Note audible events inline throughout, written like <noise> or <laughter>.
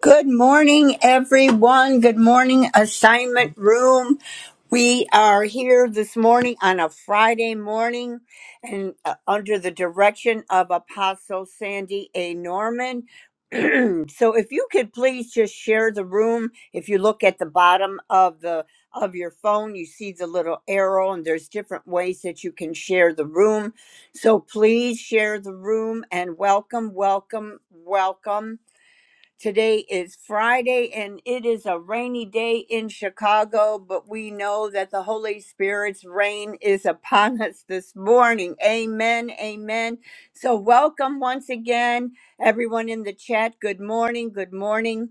Good morning, everyone. Good morning, assignment room. We are here this morning on a Friday morning and uh, under the direction of Apostle Sandy A. Norman. So if you could please just share the room. If you look at the bottom of the of your phone, you see the little arrow and there's different ways that you can share the room. So please share the room and welcome, welcome, welcome. Today is Friday and it is a rainy day in Chicago, but we know that the Holy Spirit's rain is upon <laughs> us this morning. Amen. Amen. So, welcome once again, everyone in the chat. Good morning. Good morning.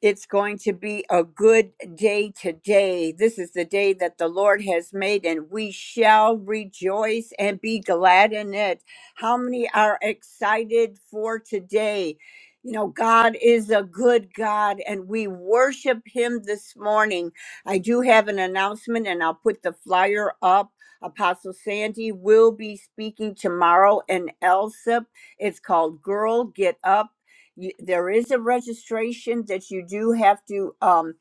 It's going to be a good day today. This is the day that the Lord has made, and we shall rejoice and be glad in it. How many are excited for today? You know, God is a good God, and we worship Him this morning. I do have an announcement, and I'll put the flyer up. Apostle Sandy will be speaking tomorrow in ELSIP. It's called Girl Get Up you, there is a registration that you do have to um,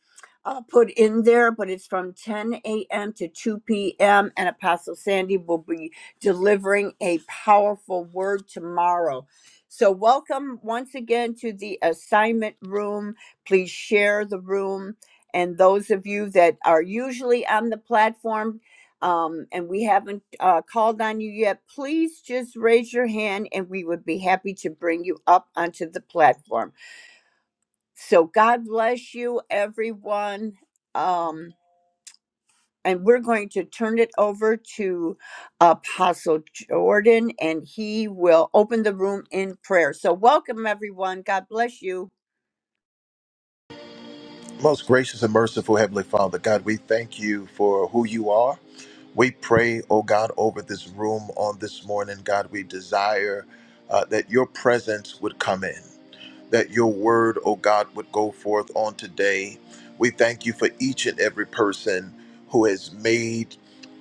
uh, put in there, but it's from 10 a.m. to 2 p.m. And Apostle Sandy will be delivering a powerful word tomorrow. So, welcome once again to the assignment room. Please share the room. And those of you that are usually on the platform, um, and we haven't uh, called on you yet, please just raise your hand and we would be happy to bring you up onto the platform. So God bless you, everyone. Um, and we're going to turn it over to Apostle Jordan and he will open the room in prayer. So, welcome, everyone. God bless you. Most gracious and merciful Heavenly Father, God, we thank you for who you are. We pray, oh God, over this room on this morning. God, we desire uh, that your presence would come in that your word, O God, would go forth on today. We thank you for each and every person who has made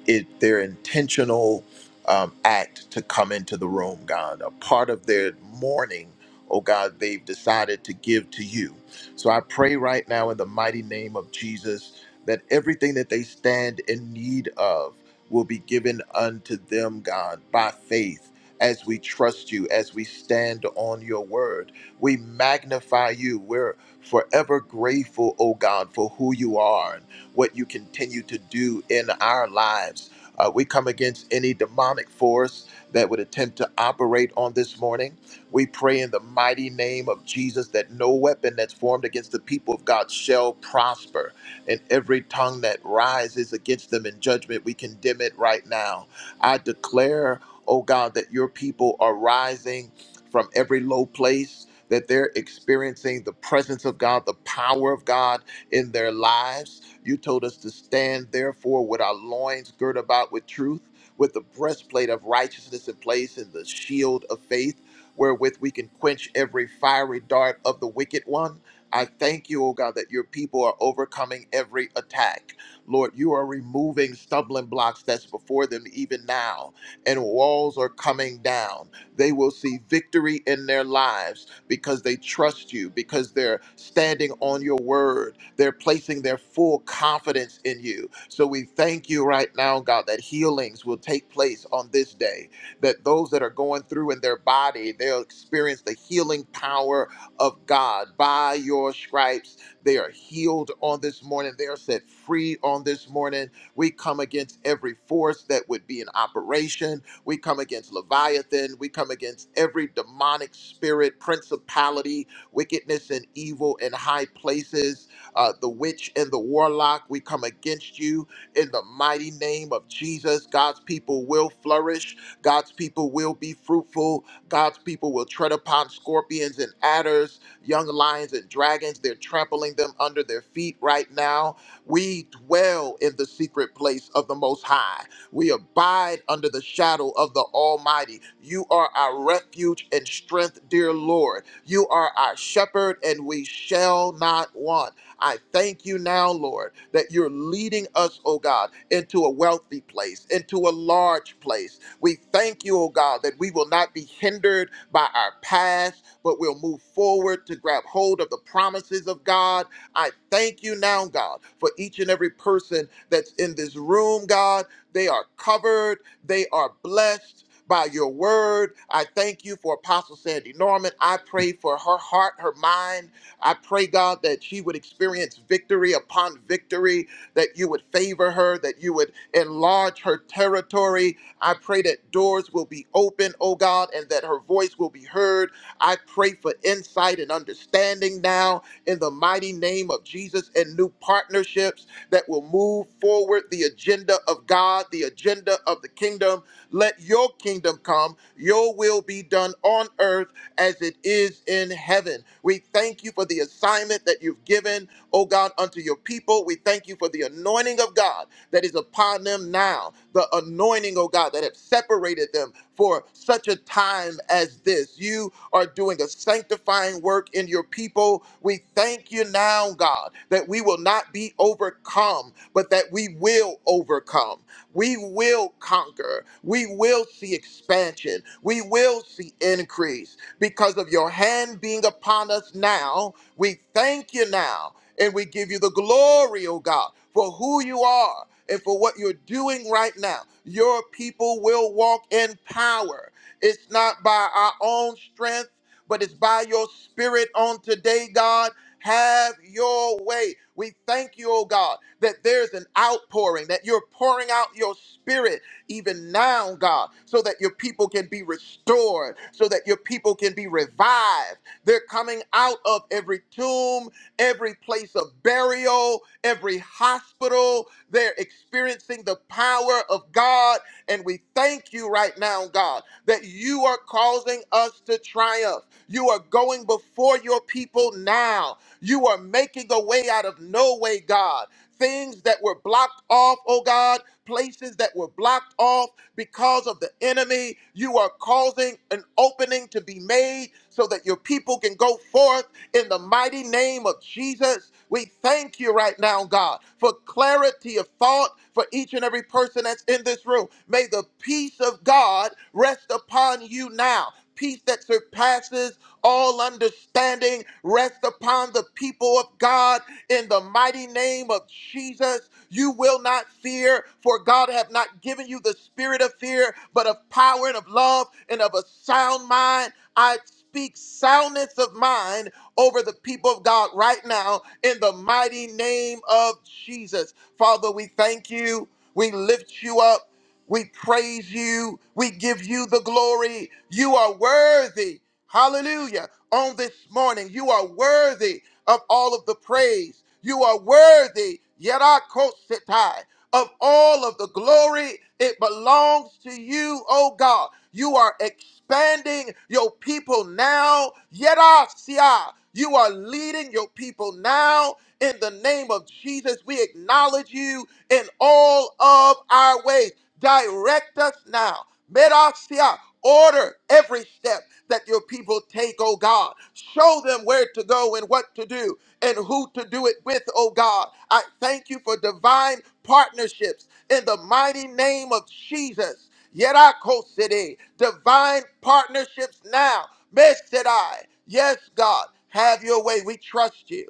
it their intentional um, act to come into the room, God. A part of their morning, oh God, they've decided to give to you. So I pray right now in the mighty name of Jesus that everything that they stand in need of will be given unto them, God, by faith. As we trust you, as we stand on your word. We magnify you. We're forever grateful, oh God, for who you are and what you continue to do in our lives. Uh, we come against any demonic force that would attempt to operate on this morning. We pray in the mighty name of Jesus that no weapon that's formed against the people of God shall prosper, and every tongue that rises against them in judgment, we condemn it right now. I declare, oh God, that your people are rising from every low place that they're experiencing the presence of God, the power of God in their lives. You told us to stand, therefore, with our loins girt about with truth, with the breastplate of righteousness in place, and the shield of faith, wherewith we can quench every fiery dart of the wicked one. I thank you, O God, that your people are overcoming every attack. Lord, you are removing stumbling blocks that's before them even now, and walls are coming down. They will see victory in their lives because they trust you, because they're standing on your word. They're placing their full confidence in you. So we thank you right now, God, that healings will take place on this day, that those that are going through in their body, they'll experience the healing power of God. By your stripes, they are healed on this morning. They are set free on this morning. We come against every force that would be in operation we come against Leviathan. We come against every demonic spirit, principality, wickedness, and evil in high places. Uh, the witch and the warlock, we come against you in the mighty name of Jesus. God's people will flourish. God's people will be fruitful. God's people will tread upon scorpions and adders, young lions and dragons. They're trampling them under their feet right now. We dwell in the secret place of the Most High. We abide under the shadow of the Almighty. You are our refuge and strength, dear Lord. You are our shepherd, and we shall not want. I thank you now, Lord, that you're leading us, oh God, into a wealthy place, into a large place. We thank you, oh God, that we will not be hindered by our past, but we'll move forward to grab hold of the promises of God. I thank you now, God, for each and every person that's in this room, God. They are covered. They are blessed by your word. I thank you for Apostle Sandy Norman. I pray for her heart, her mind. I pray, God, that she would experience victory upon victory, that you would favor her, that you would enlarge her territory. I pray that doors will be open, oh God, and that her voice will be heard. I pray for insight and understanding now in the mighty name of Jesus and new partnerships that will move forward the agenda of God, the agenda of the kingdom. Let your kingdom come, your will be done on earth as it is in heaven. We thank you for the assignment that you've given oh God, unto your people. We thank you for the anointing of God that is upon them now, the anointing, oh God, that have separated them for such a time as this. You are doing a sanctifying work in your people. We thank you now, God, that we will not be overcome, but that we will overcome. We will conquer. We will see expansion. We will see increase because of your hand being upon us now. We thank you now and we give you the glory, oh God, for who you are and for what you're doing right now. Your people will walk in power. It's not by our own strength, but it's by your spirit on today, God. Have your way. We thank you, oh God, that there's an outpouring, that you're pouring out your spirit even now, God, so that your people can be restored, so that your people can be revived. They're coming out of every tomb every place of burial, every hospital. They're experiencing the power of God. And we thank you right now, God, that you are causing us to triumph. You are going before your people now. You are making a way out of no way, God. Things that were blocked off, oh God, places that were blocked off because of the enemy. You are causing an opening to be made so that your people can go forth in the mighty name of Jesus, we thank you right now, God, for clarity of thought for each and every person that's in this room. May the peace of God rest upon you now. Peace that surpasses all understanding rest upon the people of God in the mighty name of Jesus. You will not fear, for God have not given you the spirit of fear, but of power and of love and of a sound mind. I speak soundness of mind over the people of God right now in the mighty name of Jesus. Father, we thank you. We lift you up. We praise you. We give you the glory. You are worthy. Hallelujah. On this morning, you are worthy of all of the praise. You are worthy, Yerakosetai, of all of the glory. It belongs to you, oh God. You are expanding your people now. Yerasia. You are leading your people now. In the name of Jesus, we acknowledge you in all of our ways. Direct us now. Merasia, order every step that your people take, oh God. Show them where to go and what to do and who to do it with, oh God. I thank you for divine partnerships in the mighty name of Jesus. Yerako City, divine partnerships now. Mesidai, yes, God, have your way. We trust you.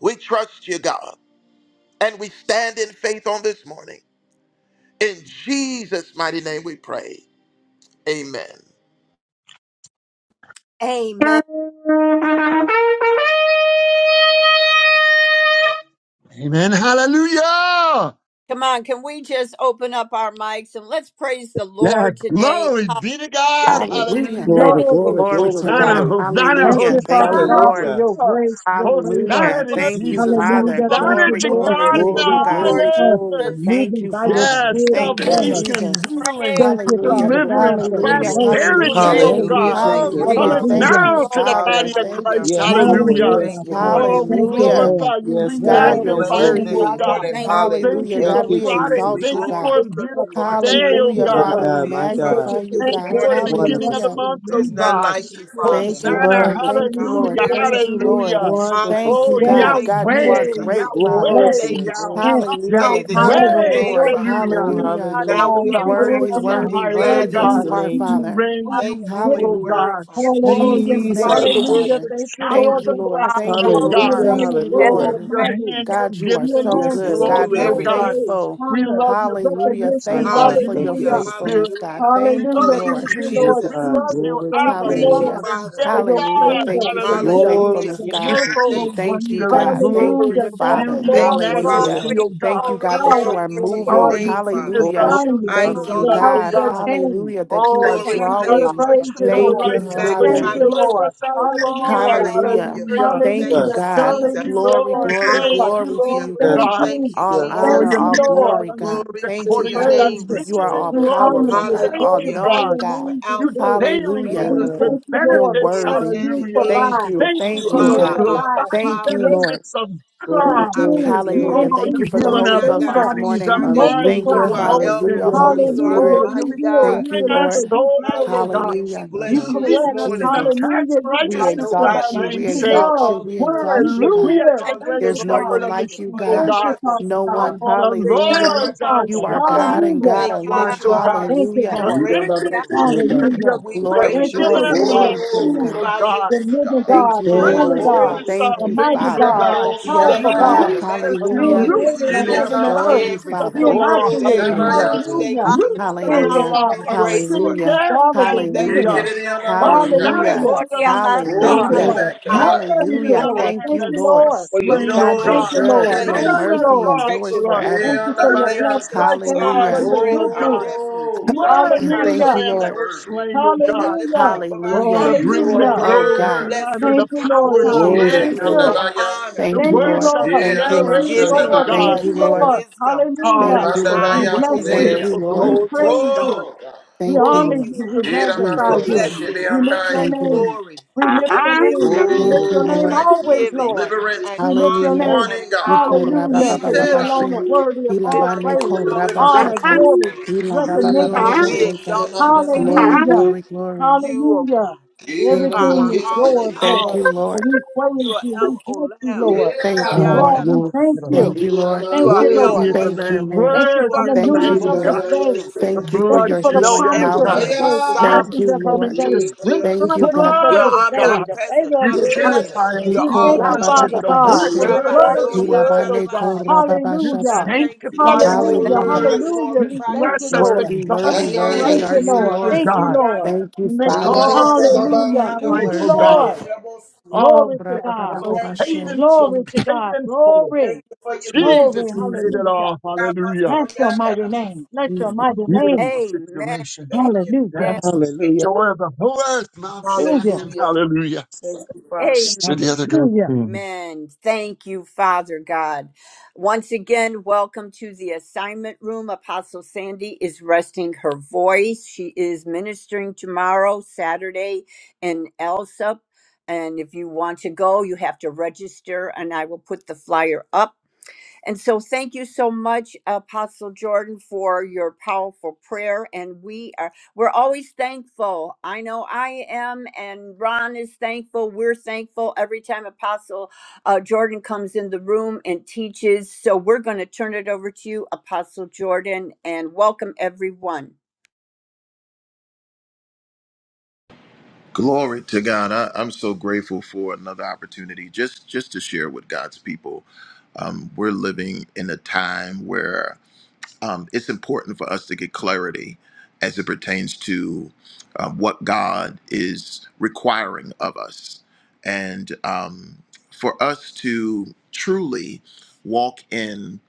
We trust you, God. And we stand in faith on this morning. In Jesus' mighty name we pray. Amen. Amen. Amen. Hallelujah. Come on, can we just open up our mics and let's praise the Yes. Lord today? Glory be to Hallelujah. God. Hallelujah. Hallelujah. Glory, Thank Glory glory, to Glory glory, God. to you, Hosanna, God. glory. Hosanna, Thank Hallelujah. you, Thank Father you, Hosanna. God, for Lord. Hallelujah. your grace, your favor. Thank Hosanna Hallelujah. to God. you, Thank you, Jesus. Jesus. Father. Hallelujah. Lord, Thank Hosanna you, Glory, to Lord, glory God word, for to in the you, Glory, God. blessing Lord glory, us, highest. glory. Jesus, Thank moving you, by your Father. Yes, spirit Bless Thank the you, upon us. Lord. give salvation, Jesus. healing, praise, Thank you, Bless the Hallelujah. Father Lord. God, deliverance, for your Hallelujah. praise, Hallelujah. mercy, your prosperity, Hallelujah. oh Thank glory, grace. you, Hallelujah. God, Thank you, Jesus. glory, Yes, Hallelujah. cometh Father. Lord. Hallelujah. glory, Thank you, now to the glory. body Father. Father, of Thank you, Hallelujah. Christ. Yes, I Jesus. Lord. Hallelujah. Yes, Thank Hallelujah. you, Lord. Lord Father. Oh, we Thank you, Jesus. Hallelujah. Lord. glorify you. We Yes, Your God, We God. Lord, you're we Yes, bless magnify you Lord. you, this oh glorify worthy. your God. morning. name. Thank you. We thank Thank Hallelujah. you you, Hallelujah. for God, Thank you, Lord. we We Friday. Jesus. We exalt Thank you, ask you for glorify a God. you to help. you, beautiful Lord We day, God. thank oh Hallelujah. you, My God. Father, Lord. we God, We my We thank God. exalt you magnify you for you, Thank this your you God. for the goodness, morning. your beginning Wonderful of the Hallelujah. Savior. mercy, month, oh There's new none God. like mercy you, here Father, Thank you, today. Hosanna, Lord. Wonderful, in Thank Thank you, all you, Lord. hallelujah, the Lord, for Thank earth. you, Lord. hallelujah. favor, wonderful Thank Oh, you, Hallelujah. Savior. God. grace, Thank you, God, you are Yahweh, mercy, Jesus. great, Glory Father. to Yahweh, Thank your blessing, you for Yah- name. this strength, is the Hallelujah. day that Yahweh, Hallelujah. you Thank have you, power, made, Lord. Father. authority, hallelujah. Oh, We Thank you, you. Father Hallelujah. God, and And I hallelujah. Oh, Thank the we will give you, you Lord, highest Worthy, for rejoice all of and the all worthy, the be the highest, praise. love oh glad worthy in it, Bless God. you, you the Lord, are, Father. name, You forgiveness, Jesus. Father. and reign, I heart, Thank you and you rule, for giving. your oh Hallelujah. word, God. Father. give Thank you Oh, for Hallelujah. you Jesus, your it thank water Jesus. you, to the presence you, world Hallelujah. Father. with Thank you, showers Thank Lord you, of Lord. God. Father, blessings, Thank you, oh That Holy Lord. you God. Hallelujah. alone Spirit, Thank are you, have worthy your Hallelujah. Oh, of Lord. your my way. name. hand, your God, you are You so giftings, your alone Yes, good. that's Lord. Yes, deserve God, new glory, you're oh all every Lord. God. day. praise, faithful. We honor, love your Hallelujah. presence. We My recognition. Thank you love God, for you, your thank you, Hallelujah. Holy Hallelujah. Lord Jesus. Spirit. faithfulness, God. Hallelujah. We Thank you, love Hallelujah. you, Thank Thank you, Lord. you, Oh Jesus. Lord We Jesus. God, love Jesus. you, glory to Thank Abba, your you, Thank you, name. Lord, Hallelujah. Father, Father. for Daddy your Hallelujah. God. favor, Thank you for your your Hallelujah. Glory goodness, to faithfulness, Hallelujah. your your You're God. name. full Jesus. of mercy. Thank you, Thank you, wonder and Jesus. God. Thank you, glory Hallelujah. and Glory, Thank you, Father. beauty and Lord, Thank you, for Thank your you, Hallelujah. majesty, Father. Lord glory, oh Jesus. Thank God. you, glory, God, that you power, Glory are be glory. your to your Oh, moving. you authority, name, feed your us Father. Hallelujah. Oh, us, you kindness, I heal Thank us you, your exalt us, hallelujah. your oh God. name outstretched God. today. hand. Hallelujah, We that you are Oh, Thank many glorify you, are We you, drawing. Lord praise God. afflictions you, of the Thank Lord. Hallelujah. you, We righteous, but Thank Father. you magnify Hallelujah. you, you, deliver Lord. us Father. out of Father. them all. You are Hallelujah. so Hallelujah. Hallelujah. worthy, Hallelujah. Thank you, Thank Jesus. Hallelujah. you, God. Thank Jesus. you, Hallelujah. Glory, Thank Lord. you, glory, Thank Lord. you, glory to Lord Hallelujah. you, oh Jesus. Thank God. God. Thank you. you, All Hallelujah. Oh, Thank honor, you're Jesus. you, all meeting Lord. all glory, our God. needs Glory be Thank We to you, according your to God. thy praise name Yes, you. this You are riches morning. Lord. and all We Yes, honor Lord. glory. powerful, you. God, Thank all you, Hallelujah. Glorify knowing, God. your God. You're name this You Alpha day. and daily Hallelujah. Yeah, load us We Omega. with Rabbi. thank you, You're You're the Lord, benefits. beginning because worthy. and you the Hallelujah. end. Thank provide. you. Thank you You Thank for You you, Glory, Lord. those make are glory, God. our Abba alive. You divine Thank you, Father, create. Lord. benefits of You glory, God. our glory, do. You Oh, Pater, Hallelujah. glory. Thank you you're increase. for the healing You our Holy Ghost Orianda favor. this bodies, our You morning. Rabashande. minds, Thank our you, Hallelujah. You multiply. are Father, El for your Hallelujah. emotions. Gabor. Holy You are the Hallelujah. Oh, Hallelujah. Spirit. you're You mighty heal. God. Thank You you, restoring our deliver. Lord. You soul, bless. oh God. Hallelujah. We Hallelujah. You bless You're Baba. you this leading correct. us in morning, the Jesus, Father. paths Hallelujah. of You we There's Father, righteousness no for thy patient. God exalt you. like We name's you You in sake. exalt love. you. all We the earth. You exalt you, God. Hallelujah to forgive. the thank Thank great you, you, There's no Hallelujah. Lord. Father. shepherd one Thank of Thank the like you you, sheep, for you, oh your Thank God. you, God. presence. Father No Oh, God. one. the Thank you, Thank Hallelujah. you, Lord Lord's our Father. You are Lord. shepherd. We God Nobody. and shall Hallelujah. God Thank not you God. want, alone. that you oh are our God. Thank you, Hallelujah, Oh, Hallelujah. exceeding For Lord. great hallelujah, reward. anything, because hallelujah. you Hallelujah. have And we Nobody. Glory, freely praise Thank you you given for glory, this us being all the morning glory with to the you, we things, fruit true, of oh God. bless our you, God. the lips. thank living God. You've We We Thank God, you, give the you cry Lord. the out only freely to First given God, Nobody. you glory. us name, this all Thank the you, morning, God. things, mighty oh Father. God, God. the Miramaro We Yes, You powerful thank you for Shabaya. God. God, your release us. for You manifold being Hallelujah. goodness loose creator us of We from the is heaven and new Mirianas. extol earth, you, bondages every of for the being Father. my law. single Orobo creator. day. Hallelujah. Yes, Shamayas. Lord. Thank Hallelujah. you for Loose new us Hallelujah, Thank from the you, Hallelujah. mercy, law Father new hallelujah. of God. grace, sin Lord and God. Hallelujah. death. God of the Thank you, living. Hallelujah. Hallelujah. oh God, for your Yekirianamasha. Hosanna Hallelujah. Hallelujah. to presence. the Gloria Lamb of Maria Thank Thank Oh, you God. you, be for Hallelujah. Lord. your Nobody Maria. like magnified. kindness, for Thank Worthy is you, your Hallelujah. the Lord. Lamb Thank Thank you, that you, faithfulness, Lord. Lord. was for your slain, O God, Miraboro you're Thank loyal. God. you, good Lord. and Come your Thank Shamarebes. you Thank down for you, that your mercy Lord. cross endures protection, for Lord us. God. Thank forever. you for your Thank Thirty Yeanamayas. you blessings. that you stripes Thank for you are our our for Hallelujah. your healing, strength, O our goodness. God. refuge Oh, God, <clears throat> you're Worthy our is worthy. the Thank Hallelujah. you, Lamb You're that shield Lord. was worthy. slain, O and the God. Hallelujah. lifter up of our Oh, to Hallelujah. heads, You bring the are Father. Hallelujah. Oh, glory, the God. worthy. honor, Blessings the Thank you, and Lord power, the God. glory glory, Ye praise, Thank Jesus. O glory. you. and God kandabaya, honor the Thank you, Thank you, Lord. worship, Lord. the ye and Thank you, Thank Lord. you, adoration, Yes, thanksgiving oh Lord. Lord. anabashandaba Thank Thank God. Yes, you, you, kose, and Lord. Lord. Lord. wisdom Ah, Hallelujah. you're Thank and you, so We Lord. mandabaya power beautiful, bless and you. Thank seya. you, strength Yes, wonderful, We Lord. belong Lord. to glorious praise you, God. you. God. Oh, God. We Thank you, Oh, a honor Thank Lord. you, you. We Father, Ye beautiful In the magnify ramano for name of you. Jesus. situation. koshe Jesus. We blessings lift beyanai. your and Thank you, Lord. name. glory We lift and your name. wisdom We Name lift Thank you, your Oh, we and name Lord. thank you for always, thanksgiving Lord. deliverance and We on lift your this honor Hallelujah. name. and morning, We God. call power Rabba That's Hallelujah. He the and Baba Because name you said, Baba strength, I. alone are Lord. Shin. God. worthy of We It all thank Ilabane you all for ko praise, belongs Rabba to deliverance. you honor, Shata. God. this glory, morning, Ilaba Ye Father. Baba Baba recognition. of We ramano Sheteka. exalt you Jesus. today, shenandaba, Glory, Lord Hallelujah. God. glory, glory. You, oh Hallelujah. God, ye Thank you, are, ramano Everything are Lord. is all in yours, kese. Thank Lord. all, you, Father. And Lord. we You praise are you. El We bless you, Olam, Yeah, Lord. Thank yeah, you, Oh, Lord. Lord, we glory to thank the Yandarabasiti. yeah, you. Lamb. Thank you, Lord. You Thank yeah, are you, El yeah, Worthy Lord. is the Thank you, Rohi. Lamb. Lord. Thank you You Worthy for are is the the the Thank Lamb, newness you, God oh who of this God. Lord. yeah, yeah, sees day. yeah, us. The Thank yeah. you for Thank blood you your You for you the know healing shed, promise oh of this power. everything. God. You're day, the Naya. Yes, Thank sovereign. blessings we you, of come this Lord. into the day, sprinkling Yeah. the Thank of the you, goodness God. blood, of You're this oh day, God. the omnipresent, favor You of this day. Hallelujah. omniscient. Yes, purify us. You're We You all thank wash Hikora you, baba us. Father baba knowing. The you God, are washing for the bashe. in the Rabba blood water of of worthy, the God. word, Jesus. oh Hilabane God. kora Soriandarabashiti. baba You And I Hallelujah. shata. thank you for You sanctify it. us, are oh Thank Hallelujah. God. Hallelujah. you, I worthy. Hallelujah. You We glorify thank your you, bless name. us, the Lord. Worthy, worthy, garments Ay, of ay, worthy Thank are you, ay. you, righteousness, Lord. oh Rama Thank Lord. you, God. Lord. Sorianda. Thank you, You make Father. all things new in Hallelujah. Ulayagababa. our Thank life, you, oh Worthy. Lord. God. Yandaboshanderabos. All Glory to Hikora death, baba God. baba all Lord. Thank you, paid bashe. Lord in Jesus. full, Glory to paid God. in full. Glory. Thank you for your Jesus, Jesus, Glory. goodness. you Jesus, paid it Hallelujah. all. Hallelujah. Bless your mighty Ramasorianda. name. Bless your Jesus. mighty name. Beautiful situation Amen. Thank you. Hallelujah. Yes. Hallelujah. Joy of the whole earth, Mount Hallelujah. Zion. Hallelujah. Hallelujah. Thank you, Father. Amen. To the other great Hallelujah. king. Amen. Thank you, Father God. Once again, welcome to the assignment room. Apostle Sandy is resting her voice. She is ministering tomorrow, Saturday, in Elsup. And if you want to go, you have to register, and I will put the flyer up. And so, thank you so much, Apostle Jordan, for your powerful prayer. And we are, we're always thankful. I know I am, and Ron is thankful. We're thankful every time Apostle uh, Jordan comes in the room and teaches. So, we're going to turn it over to you, Apostle Jordan, and welcome everyone. Glory to God. I, I'm so grateful for another opportunity just, just to share with God's people. Um, we're living in a time where um, it's important for us to get clarity as it pertains to um, what God is requiring of us. And um, for us to truly walk in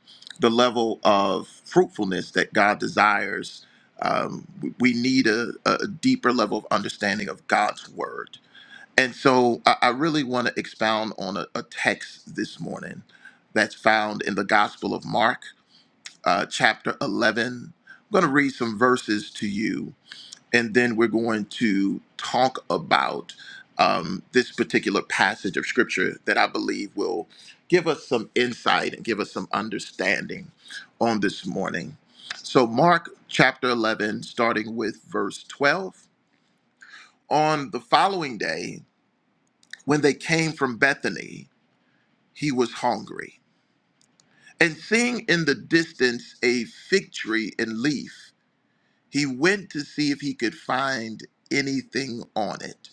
the level of fruitfulness that God desires, um, we we need a, a deeper level of understanding of God's word. And so I, I really want to expound on a, a text this morning that's found in the Gospel of Mark uh, chapter 11. I'm going to read some verses to you, and then we're going to talk about um, this particular passage of scripture that I believe will give us some insight and give us some understanding on this morning. So, Mark chapter 11, starting with verse 12. On the following day, when they came from Bethany, he was hungry. And seeing in the distance a fig tree in leaf, He went to see if he could find anything on it.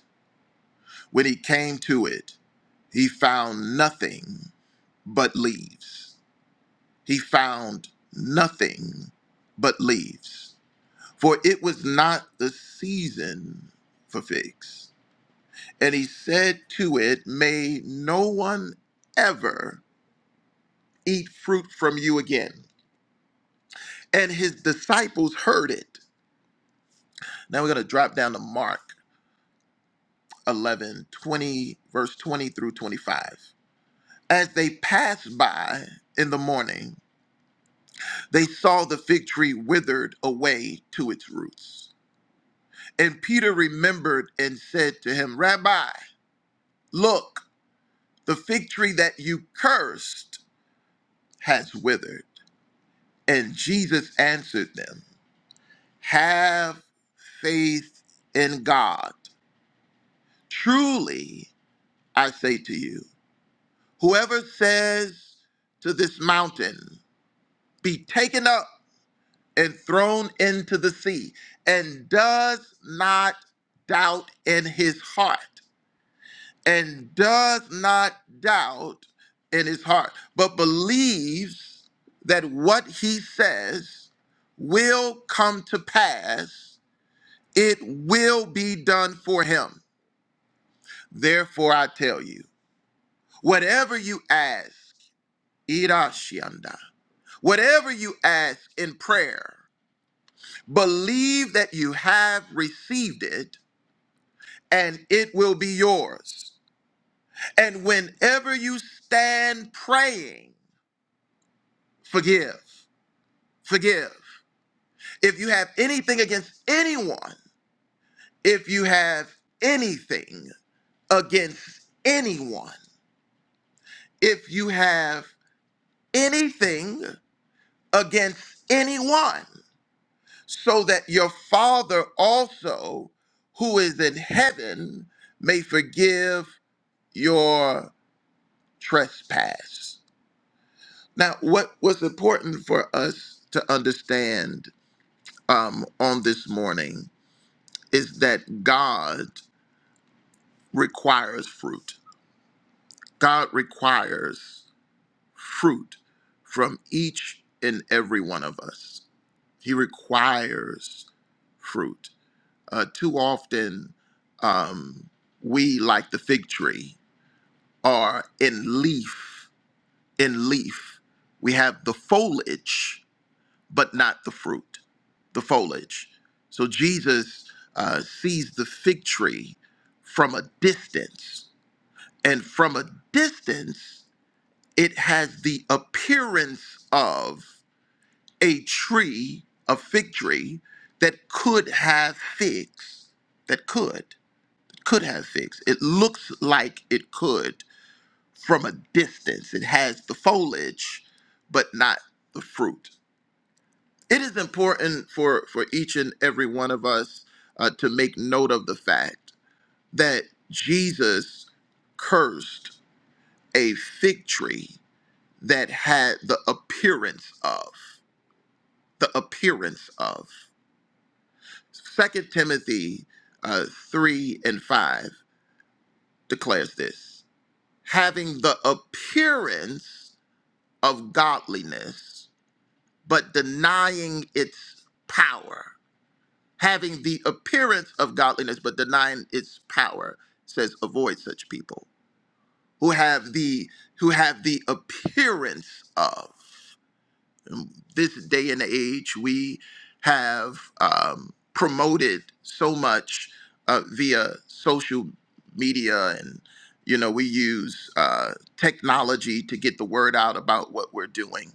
When he came to it, he found nothing but leaves. He found nothing but leaves. For it was not the season for figs. And he said to it, May no one ever eat fruit from you again. And his disciples heard it. Now we're going to drop down to Mark 11 20, verse 20 through 25. As they passed by in the morning, they saw the fig tree withered away to its roots. And Peter remembered and said to him, Rabbi, look, the fig tree that you cursed has withered. And Jesus answered them, Have faith in God. Truly, I say to you, whoever says to this mountain, Be taken up and thrown into the sea, and does not doubt in his heart, and does not doubt in his heart, but believes that what he says will come to pass, it will be done for him. Therefore, I tell you, whatever you ask, irashianda, whatever you ask in prayer, believe that you have received it and it will be yours. And whenever you stand praying, forgive, forgive. If you have anything against anyone, if you have anything against anyone, if you have anything against anyone, so that your Father also, who is in heaven, may forgive your trespass. Now, what was important for us to understand um, on this morning is that God requires fruit. God requires fruit from each and every one of us. He requires fruit. Uh, too often, um, we, like the fig tree, are in leaf, in leaf. We have the foliage, but not the fruit, the foliage. So Jesus uh, sees the fig tree from a distance, and from a distance, it has the appearance of a tree, a fig tree that could have figs, that could could have figs. It looks like it could from a distance. It has the foliage, but not the fruit. it is important for for each and every one of us uh, to make note of the fact that jesus cursed a fig tree that had the appearance of the appearance of second timothy uh, 3 and 5 declares this having the appearance of godliness but denying its power having the appearance of godliness but denying its power It says avoid such people who have the who have the appearance of this day and age we have um, promoted so much uh, via social media and you know we use uh, technology to get the word out about what we're doing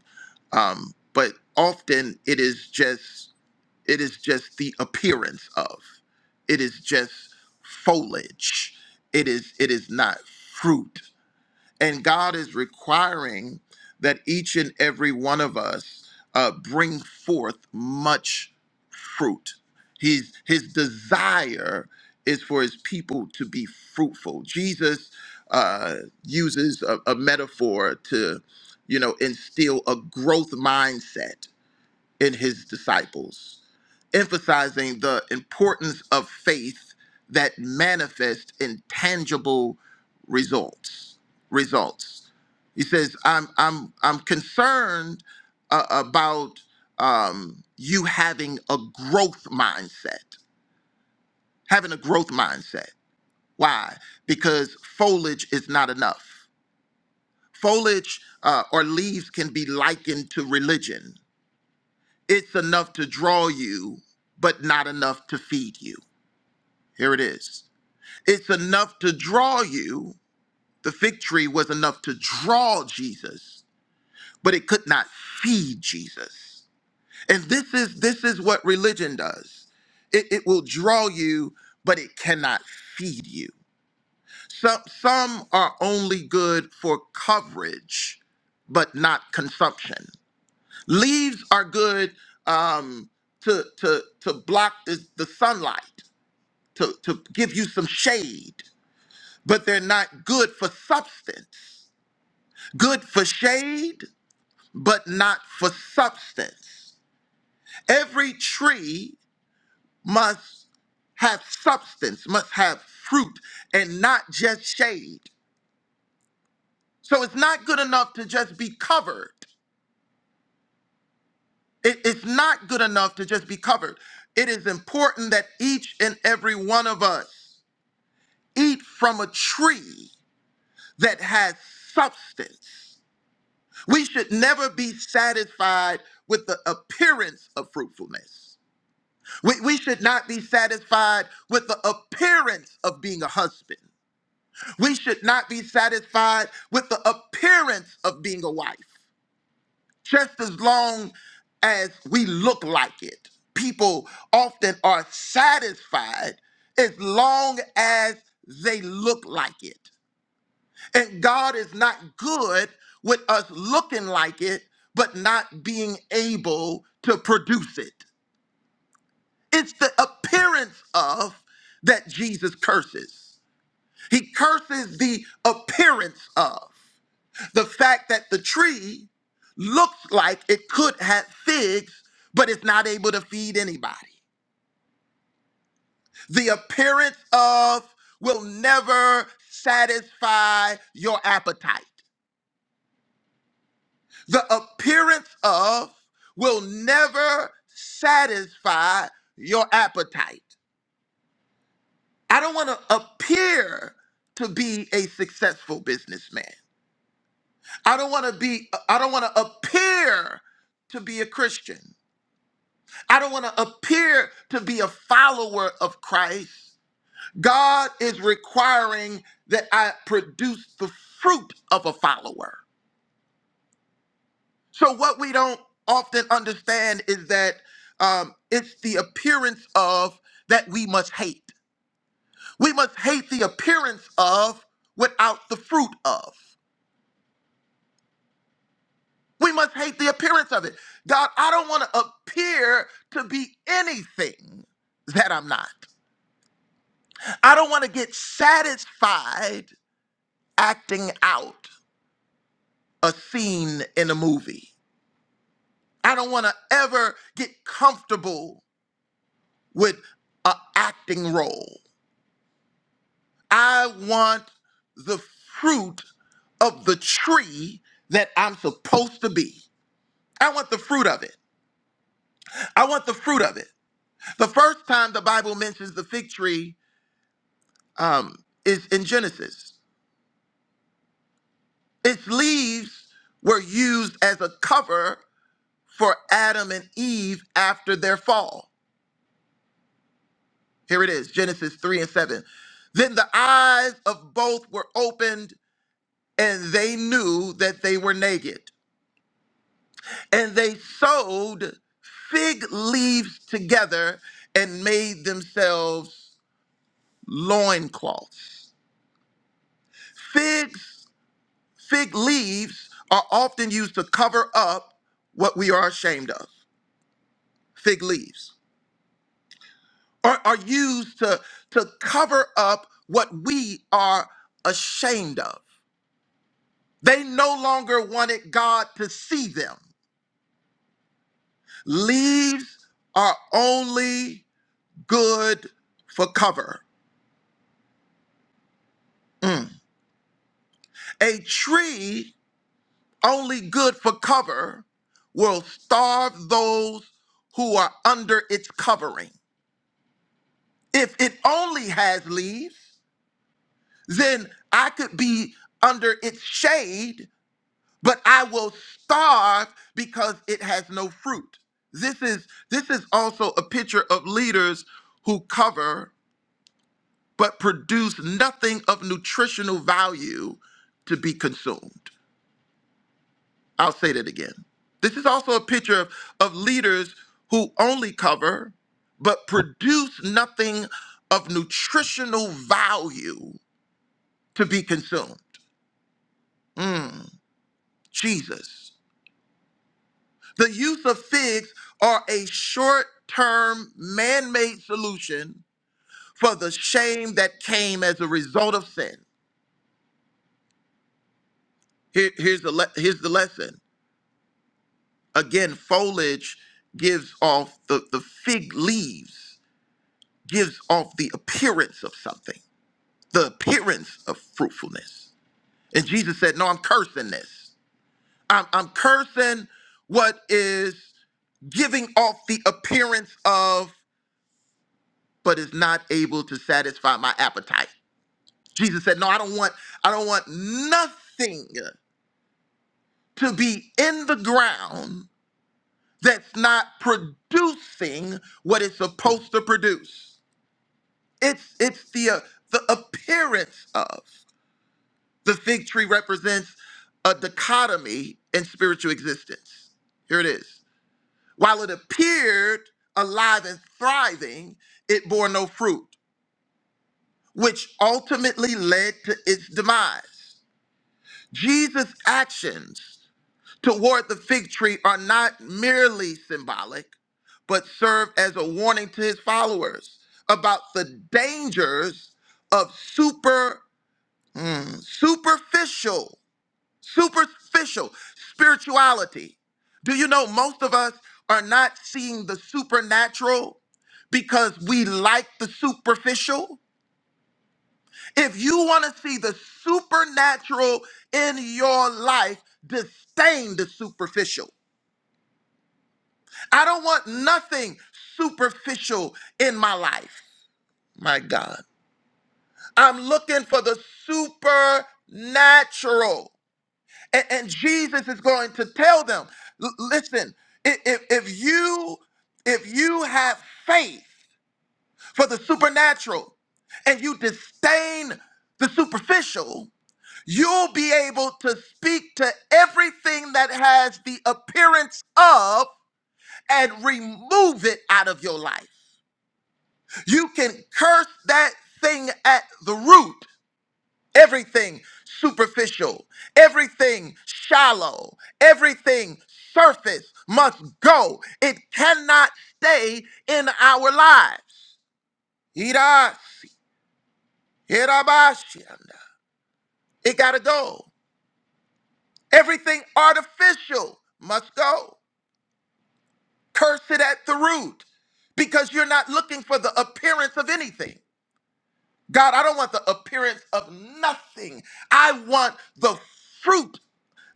um, but often it is just it is just the appearance of. It is just foliage. It is it is not fruit. And God is requiring that each and every one of us uh, bring forth much fruit. His his desire is for his people to be fruitful. Jesus uh, uses a, a metaphor to, you know, instill a growth mindset in his disciples emphasizing the importance of faith that manifests in tangible results. Results. He says, "I'm I'm I'm concerned uh, about um, you having a growth mindset. Having a growth mindset. Why? Because foliage is not enough. Foliage uh, or leaves can be likened to religion. It's enough to draw you, but not enough to feed you." Here it is. It's enough to draw you. The fig tree was enough to draw Jesus, but it could not feed Jesus. And this is this is what religion does. It, it will draw you, but it cannot feed you. Some some are only good for coverage, but not consumption. Leaves are good um, to to to block the, the sunlight, to to give you some shade but they're not good for substance. Good for shade, but not for substance. Every tree must have substance, must have fruit, and not just shade. So it's not good enough to just be covered. It- it's not good enough to just be covered. It is important that each and every one of us eat from a tree that has substance. We should never be satisfied with the appearance of fruitfulness. We, we should not be satisfied with the appearance of being a husband. We should not be satisfied with the appearance of being a wife. Just as long as we look like it, people often are satisfied as long as they look like it. And God is not good with us looking like it, but not being able to produce it. It's the appearance of that Jesus curses. He curses the appearance of the fact that the tree looks like it could have figs, but it's not able to feed anybody. The appearance of will never satisfy your appetite. the appearance of will never satisfy your appetite. I don't want to appear to be a successful businessman. I don't want to be I don't want to appear to be a Christian. I don't want to appear to be a follower of Christ. God is requiring that I produce the fruit of a follower. So what we don't often understand is that um, it's the appearance of that we must hate. We must hate the appearance of without the fruit of. We must hate the appearance of it. God, I don't want to appear to be anything that I'm not. I don't want to get satisfied acting out a scene in a movie. I don't want to ever get comfortable with a acting role. I want the fruit of the tree that I'm supposed to be. I want the fruit of it. I want the fruit of it. The first time the Bible mentions the fig tree um, is in Genesis. Its leaves were used as a cover for Adam and Eve after their fall. Here it is Genesis 3 and 7. Then the eyes of both were opened, and they knew that they were naked. And they sewed fig leaves together and made themselves loincloths. Figs, fig leaves are often used to cover up what we are ashamed of. Fig leaves are, are used to, to cover up what we are ashamed of. They no longer wanted God to see them. Leaves are only good for cover. Mm. A tree only good for cover will starve those who are under its covering. If it only has leaves, then I could be under its shade, but I will starve because it has no fruit. This is this is also a picture of leaders who cover but produce nothing of nutritional value to be consumed. I'll say that again. This is also a picture of, of leaders who only cover but produce nothing of nutritional value to be consumed. Mm, Jesus. The use of figs are a short term man made solution for the shame that came as a result of sin. Here- here's, the le- here's the lesson. Again, foliage gives off the, the fig leaves gives off the appearance of something, the appearance of fruitfulness. And Jesus said, No, I'm cursing this. I'm, I'm cursing what is giving off the appearance of, but is not able to satisfy my appetite. Jesus said, No, I don't want, I don't want nothing to be in the ground that's not producing what it's supposed to produce. It's it's the uh, the appearance of. The fig tree represents a dichotomy in spiritual existence. Here it is. While it appeared alive and thriving, it bore no fruit, which ultimately led to its demise. Jesus' actions toward the fig tree are not merely symbolic, but serve as a warning to his followers about the dangers of super hmm, superficial Superficial spirituality. Do you know most of us are not seeing the supernatural because we like the superficial? If you want to see the supernatural in your life, disdain the superficial. I don't want nothing superficial in my life. My God. I'm looking for the supernatural. And, and Jesus is going to tell them, "L- listen, i- if, if you if you have faith for the supernatural and you disdain the superficial, you'll be able to speak to everything that has the appearance of and remove it out of your life. You can curse that thing at the root everything superficial, everything shallow, everything surface must go. It cannot stay in our lives. Irasi, irabashianda. It got to go. Everything artificial must go. Curse it at the root because you're not looking for the appearance of anything. God, I don't want the appearance of nothing. I want the fruit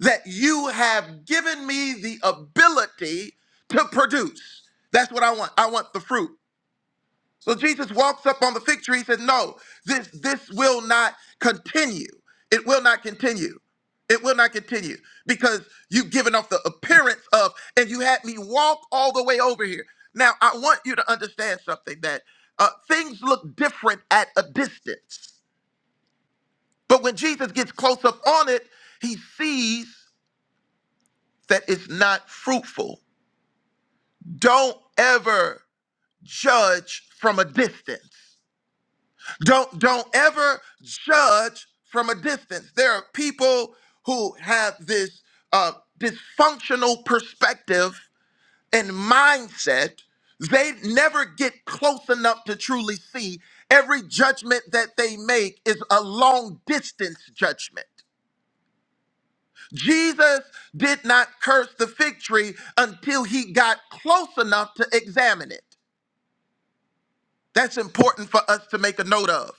that you have given me the ability to produce. That's what I want. I want the fruit. So Jesus walks up on the fig tree. He said, No, this this will not continue. It will not continue. It will not continue because you've given off the appearance of, and you had me walk all the way over here. Now I want you to understand something that uh, things look different at a distance but when Jesus gets close up on it, he sees that it's not fruitful. Don't ever judge from a distance. Don't don't ever judge from a distance. There are people who have this uh, dysfunctional perspective and mindset. They never get close enough to truly see. Every judgment that they make is a long distance judgment. Jesus did not curse the fig tree until he got close enough to examine it. That's important for us to make a note of,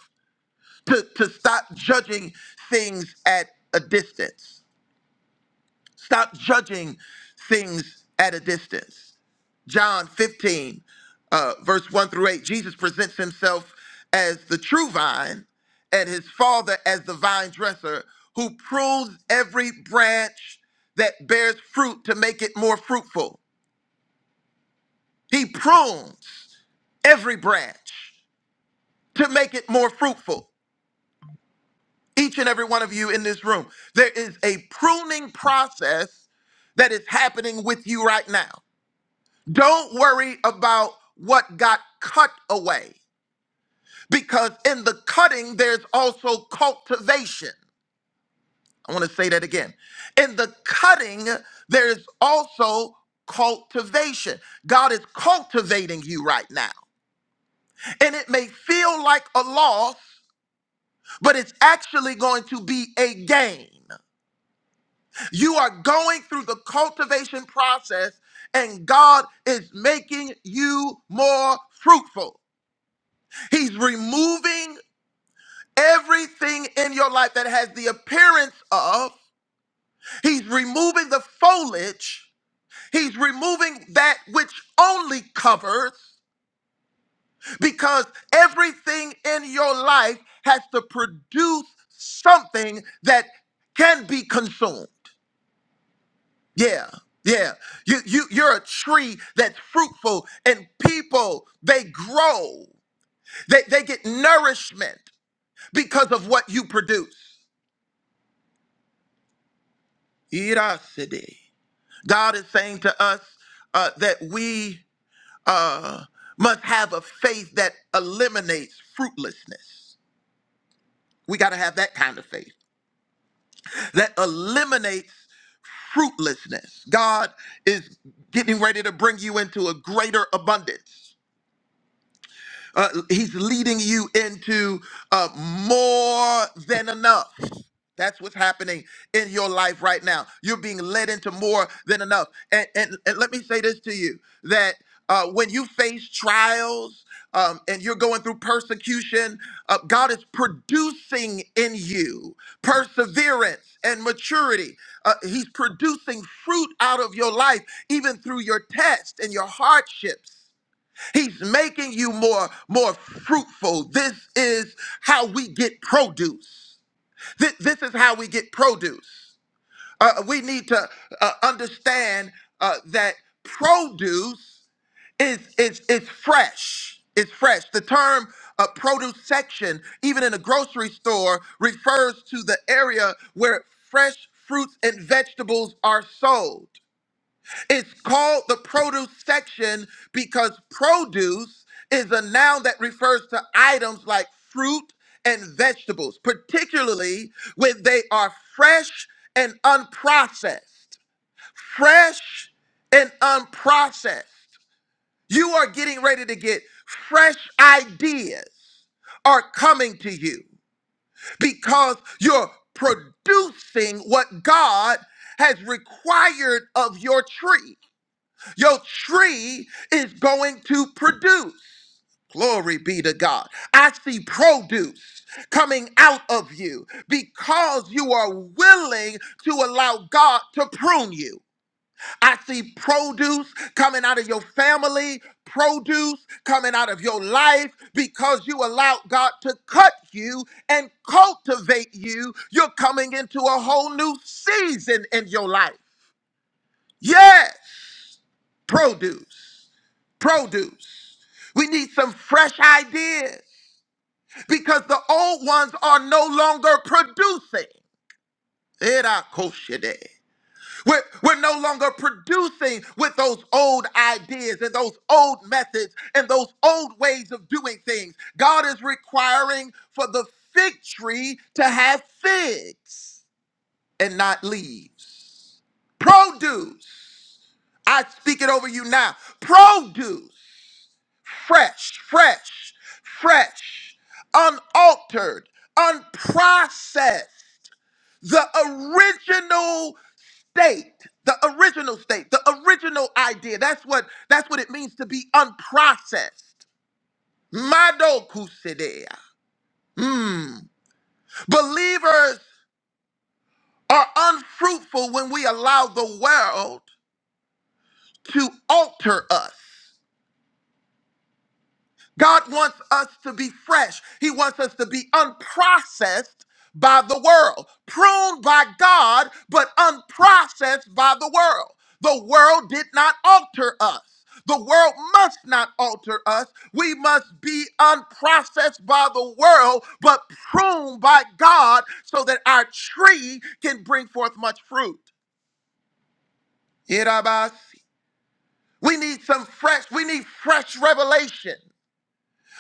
to, to stop judging things at a distance. Stop judging things at a distance. John 15, uh, verse 1 through 8, Jesus presents himself as the true vine and his father as the vine dresser who prunes every branch that bears fruit to make it more fruitful. He prunes every branch to make it more fruitful. Each and every one of you in this room, there is a pruning process that is happening with you right now. Don't worry about what got cut away because in the cutting, there's also cultivation. I want to say that again. In the cutting, there's also cultivation. God is cultivating you right now. And it may feel like a loss, but it's actually going to be a gain. You are going through the cultivation process, and God is making you more fruitful. He's removing everything in your life that has the appearance of. He's removing the foliage. He's removing that which only covers because everything in your life has to produce something that can be consumed. Yeah. Yeah. You you you're a tree that's fruitful and people they grow. They they get nourishment because of what you produce. Iraside. God is saying to us uh, that we uh, must have a faith that eliminates fruitlessness. We got to have that kind of faith that eliminates fruitlessness. God is getting ready to bring you into a greater abundance. Uh, he's leading you into uh, more than enough. That's what's happening in your life right now. You're being led into more than enough. And, and, and let me say this to you that uh, when you face trials um, and you're going through persecution, uh, God is producing in you perseverance and maturity. Uh, he's producing fruit out of your life, even through your tests and your hardships. He's making you more more fruitful. This is how we get produce. This, this is how we get produce. Uh, we need to uh, understand uh, that produce is is is fresh. It's fresh. The term uh, produce section, even in a grocery store, refers to the area where fresh fruits and vegetables are sold. It's called the produce section because produce is a noun that refers to items like fruit and vegetables, particularly when they are fresh and unprocessed. Fresh and unprocessed. You are getting ready to get fresh ideas are coming to you because you're producing what God has required of your tree. Your tree is going to produce. Glory be to God. I see produce coming out of you because you are willing to allow God to prune you. I see produce coming out of your family, produce coming out of your life because you allowed God to cut you and cultivate you. You're coming into a whole new season in your life. Yes, produce. produce. We need some fresh ideas because the old ones are no longer producing. Era koshide. We're, we're no longer producing with those old ideas and those old methods and those old ways of doing things. God is requiring for the fig tree to have figs and not leaves. Produce. I speak it over you now. Produce. fresh, fresh, fresh, unaltered, unprocessed, the original state, the original state, the original idea. That's what that's what it means to be unprocessed. Madokusidea. Hmm. Believers are unfruitful when we allow the world to alter us. God wants us to be fresh. He wants us to be unprocessed by the world, pruned by God, but unprocessed by the world. The world did not alter us. The world must not alter us. We must be unprocessed by the world, but pruned by God so that our tree can bring forth much fruit. Irabasi. We need some fresh, we need fresh revelation.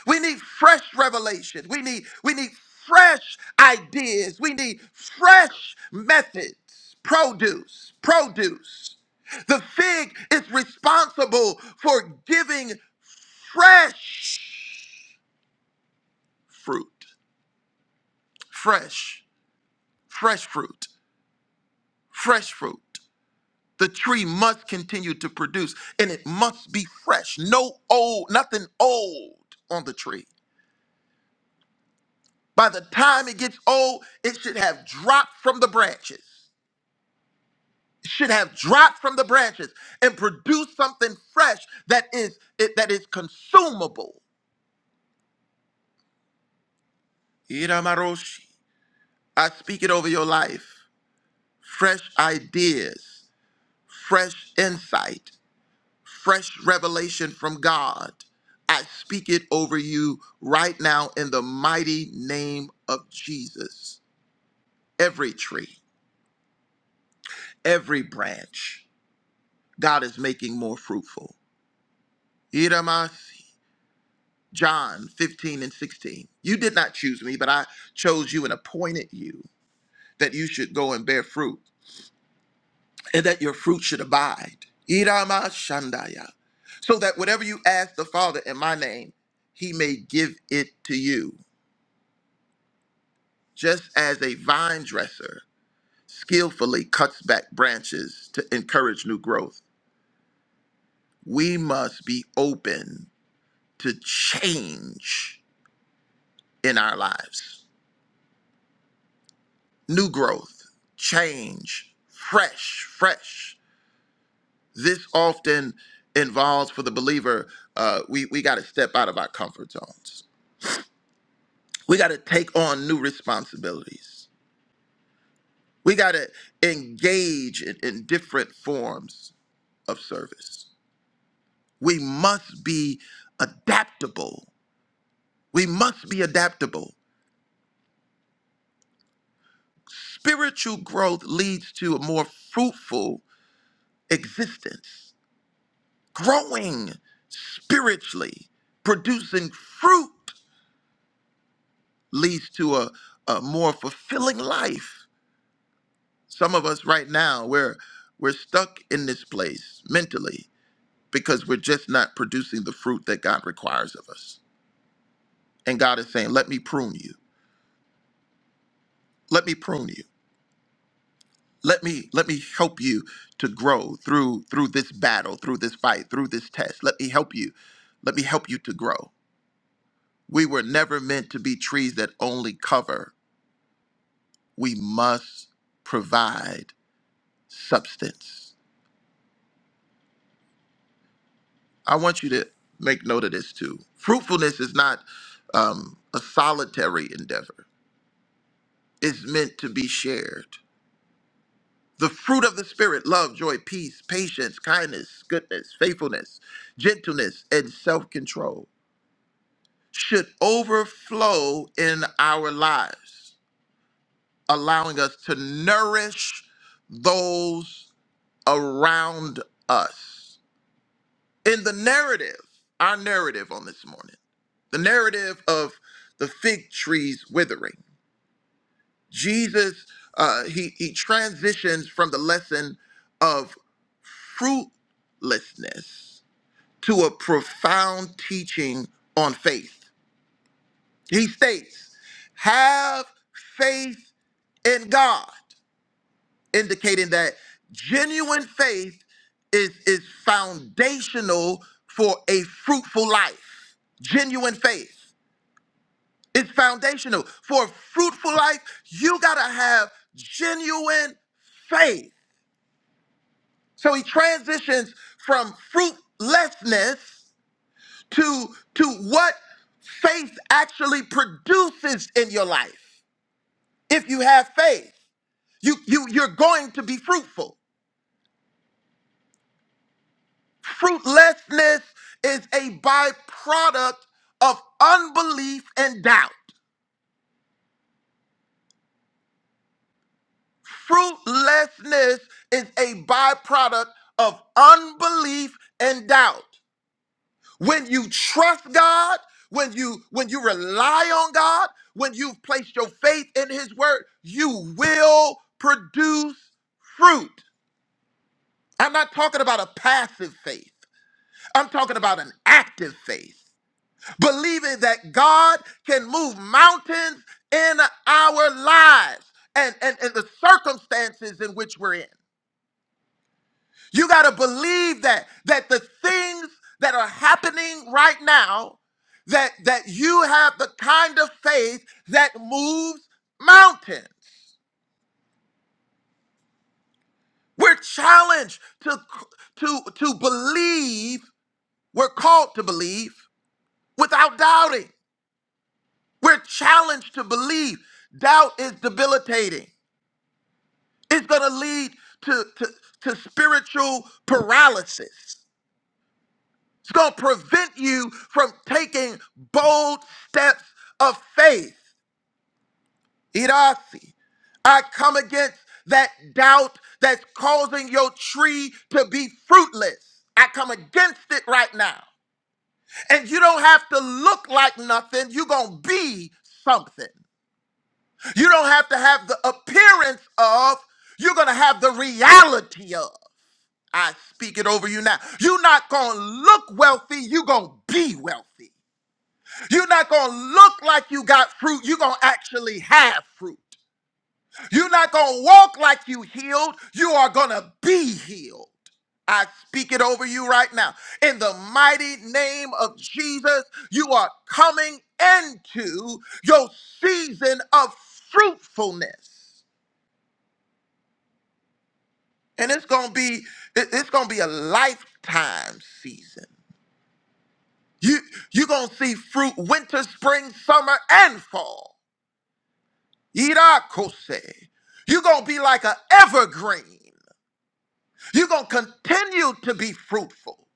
We need fresh revelations. We need we need fresh ideas. We need fresh methods. Produce, produce. The fig is responsible for giving fresh fruit. Fresh, fresh fruit, fresh fruit. The tree must continue to produce and it must be fresh. No old, nothing old on the tree. By the time it gets old, it should have dropped from the branches. should have dropped from the branches and produced something fresh that is it, that is consumable. Iramaroshi. I speak it over your life. Fresh ideas, fresh insight, fresh revelation from God. I speak it over you right now in the mighty name of Jesus. Every tree, every branch, God is making more fruitful. Iramasi. John 15 and 16. You did not choose me, but I chose you and appointed you that you should go and bear fruit and that your fruit should abide. Irama Shandaya. So that whatever you ask the Father in my name, he may give it to you. Just as a vine dresser skillfully cuts back branches to encourage new growth, we must be open to change in our lives. new growth, change, fresh, fresh. This often involves for the believer, uh, we, we got to step out of our comfort zones. We got to take on new responsibilities. We got to engage in, in different forms of service. We must be adaptable. We must be adaptable. Spiritual growth leads to a more fruitful existence growing spiritually, producing fruit leads to a, a more fulfilling life. Some of us right now, we're we're stuck in this place mentally because we're just not producing the fruit that God requires of us. And God is saying, "Let me prune you. Let me prune you. Let me let me help you to grow through through this battle, through this fight, through this test. Let me help you. Let me help you to grow. We were never meant to be trees that only cover we must provide substance. I want you to make note of this too. Fruitfulness is not um, a solitary endeavor, it's meant to be shared. The fruit of the Spirit love, joy, peace, patience, kindness, goodness, faithfulness, gentleness, and self control should overflow in our lives, allowing us to nourish those around us in the narrative, our narrative on this morning, the narrative of the fig trees withering. Jesus, uh, he, he transitions from the lesson of fruitlessness to a profound teaching on faith. He states, Have faith in God. indicating that genuine faith is, is foundational for a fruitful life. Genuine faith is foundational. For a fruitful life, you got to have genuine faith. So he transitions from fruitlessness to, to what faith actually produces in your life. If you have faith, you, you, you're going to be fruitful. Fruitlessness is a byproduct of unbelief and doubt. Fruitlessness is a byproduct of unbelief and doubt. When you trust God, when you when you rely on God, when you've placed your faith in his word, you will produce fruit. I'm not talking about a passive faith. I'm talking about an active faith. believing that God can move mountains in our lives and, and, and the circumstances in which we're in. You got to believe that that the things that are happening right now that that you have the kind of faith that moves mountains. We're challenged to to to believe, we're called to believe without doubting. We're challenged to believe. Doubt is debilitating. It's going to lead to, to, to spiritual paralysis. It's going to prevent you from taking bold steps of faith. Irasi. I come against that doubt that's causing your tree to be fruitless. I come against it right now. And you don't have to look like nothing. You're going to be something. You don't have to have the appearance of, you're going to have the reality of. I speak it over you now. You're not going to look wealthy, you're going to be wealthy. You're not going to look like you got fruit, you're going to actually have fruit. You're not going to walk like you healed, you are going to be healed. I speak it over you right now. In the mighty name of Jesus, you are coming into your season of fruitfulness. And it's going to be it- it's going to be a lifetime season. You you gonna see fruit winter, spring, summer, and fall. Irakose. you gonna be like an evergreen. you gonna continue to be fruitful.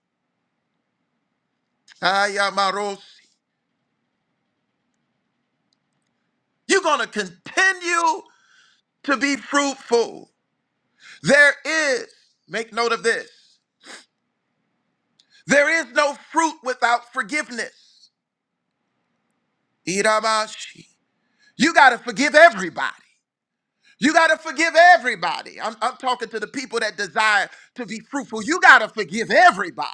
Ayamarosi. You're gonna continue to be fruitful. There is, make note of this, there is no fruit without forgiveness. Iramashi. You gotta forgive everybody. You got to forgive everybody. I'm, I'm talking to the people that desire to be fruitful. You got to forgive everybody.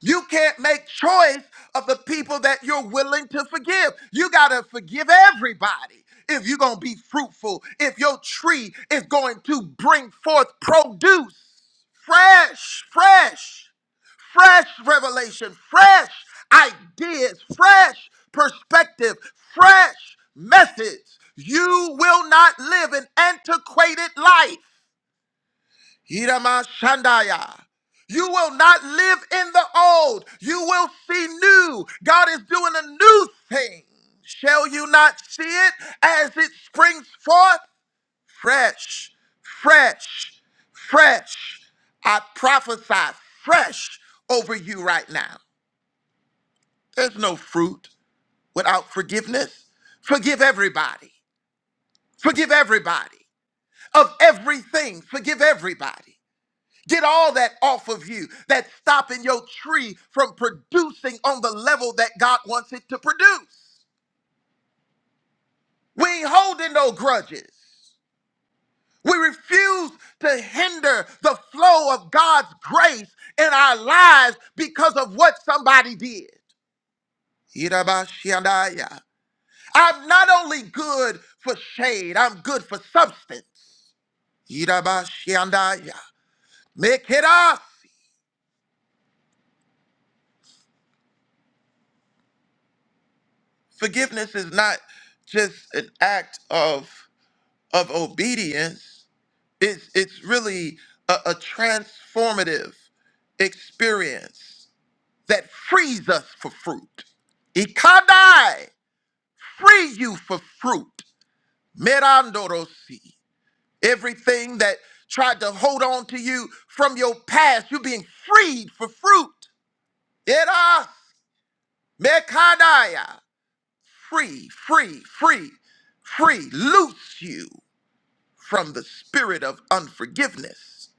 You can't make choice of the people that you're willing to forgive. You got to forgive everybody if you're going to be fruitful, if your tree is going to bring forth produce. Fresh, fresh fresh revelation, fresh ideas, fresh perspective, fresh methods. You will not live an antiquated life. Hirama Shandaya. You will not live in the old. You will see new. God is doing a new thing. Shall you not see it as it springs forth? Fresh, fresh, fresh. I prophesy fresh over you right now. There's no fruit without forgiveness. Forgive everybody. Forgive everybody of everything. Forgive everybody. Get all that off of you that's stopping your tree from producing on the level that God wants it to produce. We ain't holding no grudges. We refuse to hinder the flow of God's grace in our lives because of what somebody did. Irabashiandaya. I'm not only good for shade, I'm good for substance. Yidabashiandaya. Mekiras. Forgiveness is not just an act of, of obedience, it's, it's really a, a transformative experience that frees us for fruit. Ikadai, free you for fruit. Merandorosi. Everything that tried to hold on to you from your past, you're being freed for fruit. Era mekadaya. Free, free, free, free. Loose you from the spirit of unforgiveness.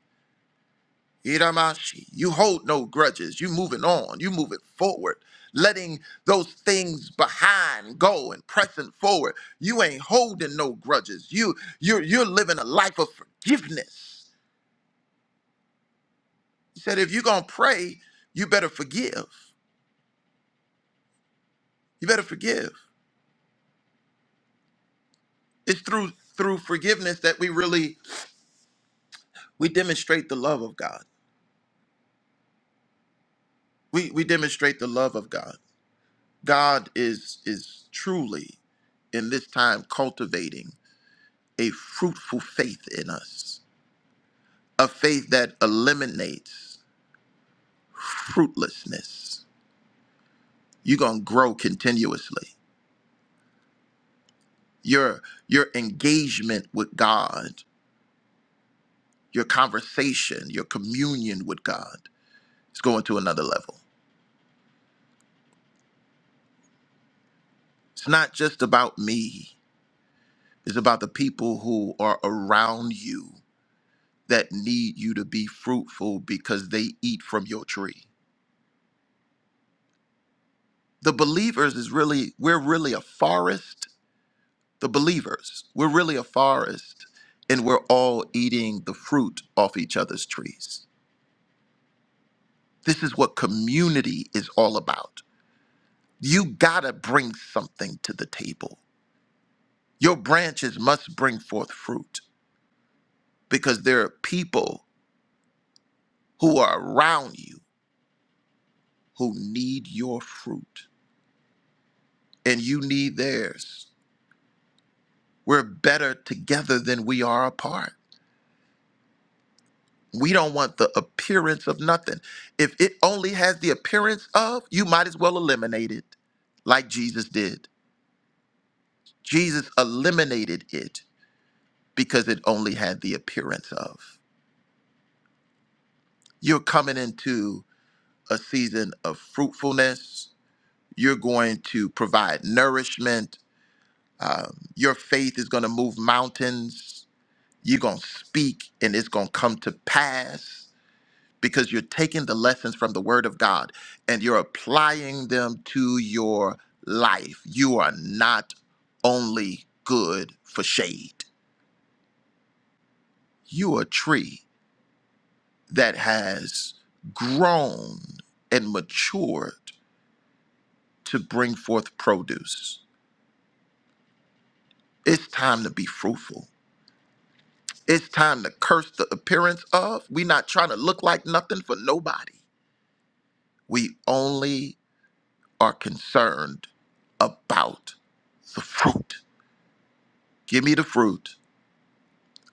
Iramashi. You hold no grudges. You moving on. You moving forward. Letting those things behind go and pressing forward. You ain't holding no grudges. You you're you're living a life of forgiveness. He said, if you're gonna pray, you better forgive. You better forgive. It's through through forgiveness that we really we demonstrate the love of God. We we demonstrate the love of God. God is is truly in this time cultivating a fruitful faith in us, a faith that eliminates fruitlessness. You're gonna grow continuously. Your your engagement with God, your conversation, your communion with God. It's going to another level. It's not just about me, it's about the people who are around you that need you to be fruitful because they eat from your tree. The believers is really, we're really a forest. The believers, we're really a forest, and we're all eating the fruit off each other's trees. This is what community is all about. You gotta bring something to the table. Your branches must bring forth fruit because there are people who are around you who need your fruit and you need theirs. We're better together than we are apart. We don't want the appearance of nothing. If it only has the appearance of, you might as well eliminate it, like Jesus did. Jesus eliminated it because it only had the appearance of. You're coming into a season of fruitfulness. You're going to provide nourishment. Um, your faith is going to move mountains You're going to speak and it's going to come to pass because you're taking the lessons from the word of God and you're applying them to your life. You are not only good for shade, you are a tree that has grown and matured to bring forth produce. It's time to be fruitful. It's time to curse the appearance of. we are not trying to look like nothing for nobody. We only are concerned about the fruit. Give me the fruit.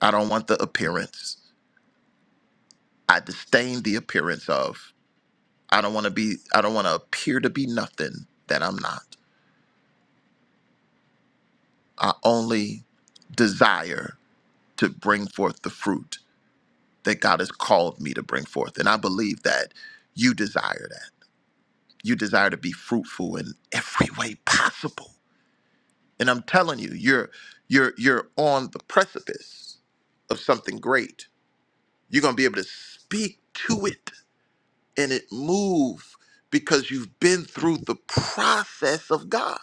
I don't want the appearance. I disdain the appearance of. I don't want to be, I don't want to appear to be nothing that I'm not. I only desire to bring forth the fruit that God has called me to bring forth. And I believe that you desire that. You desire to be fruitful in every way possible. And I'm telling you, you're you're you're on the precipice of something great You're going to be able to speak to it and it move because you've been through the process of God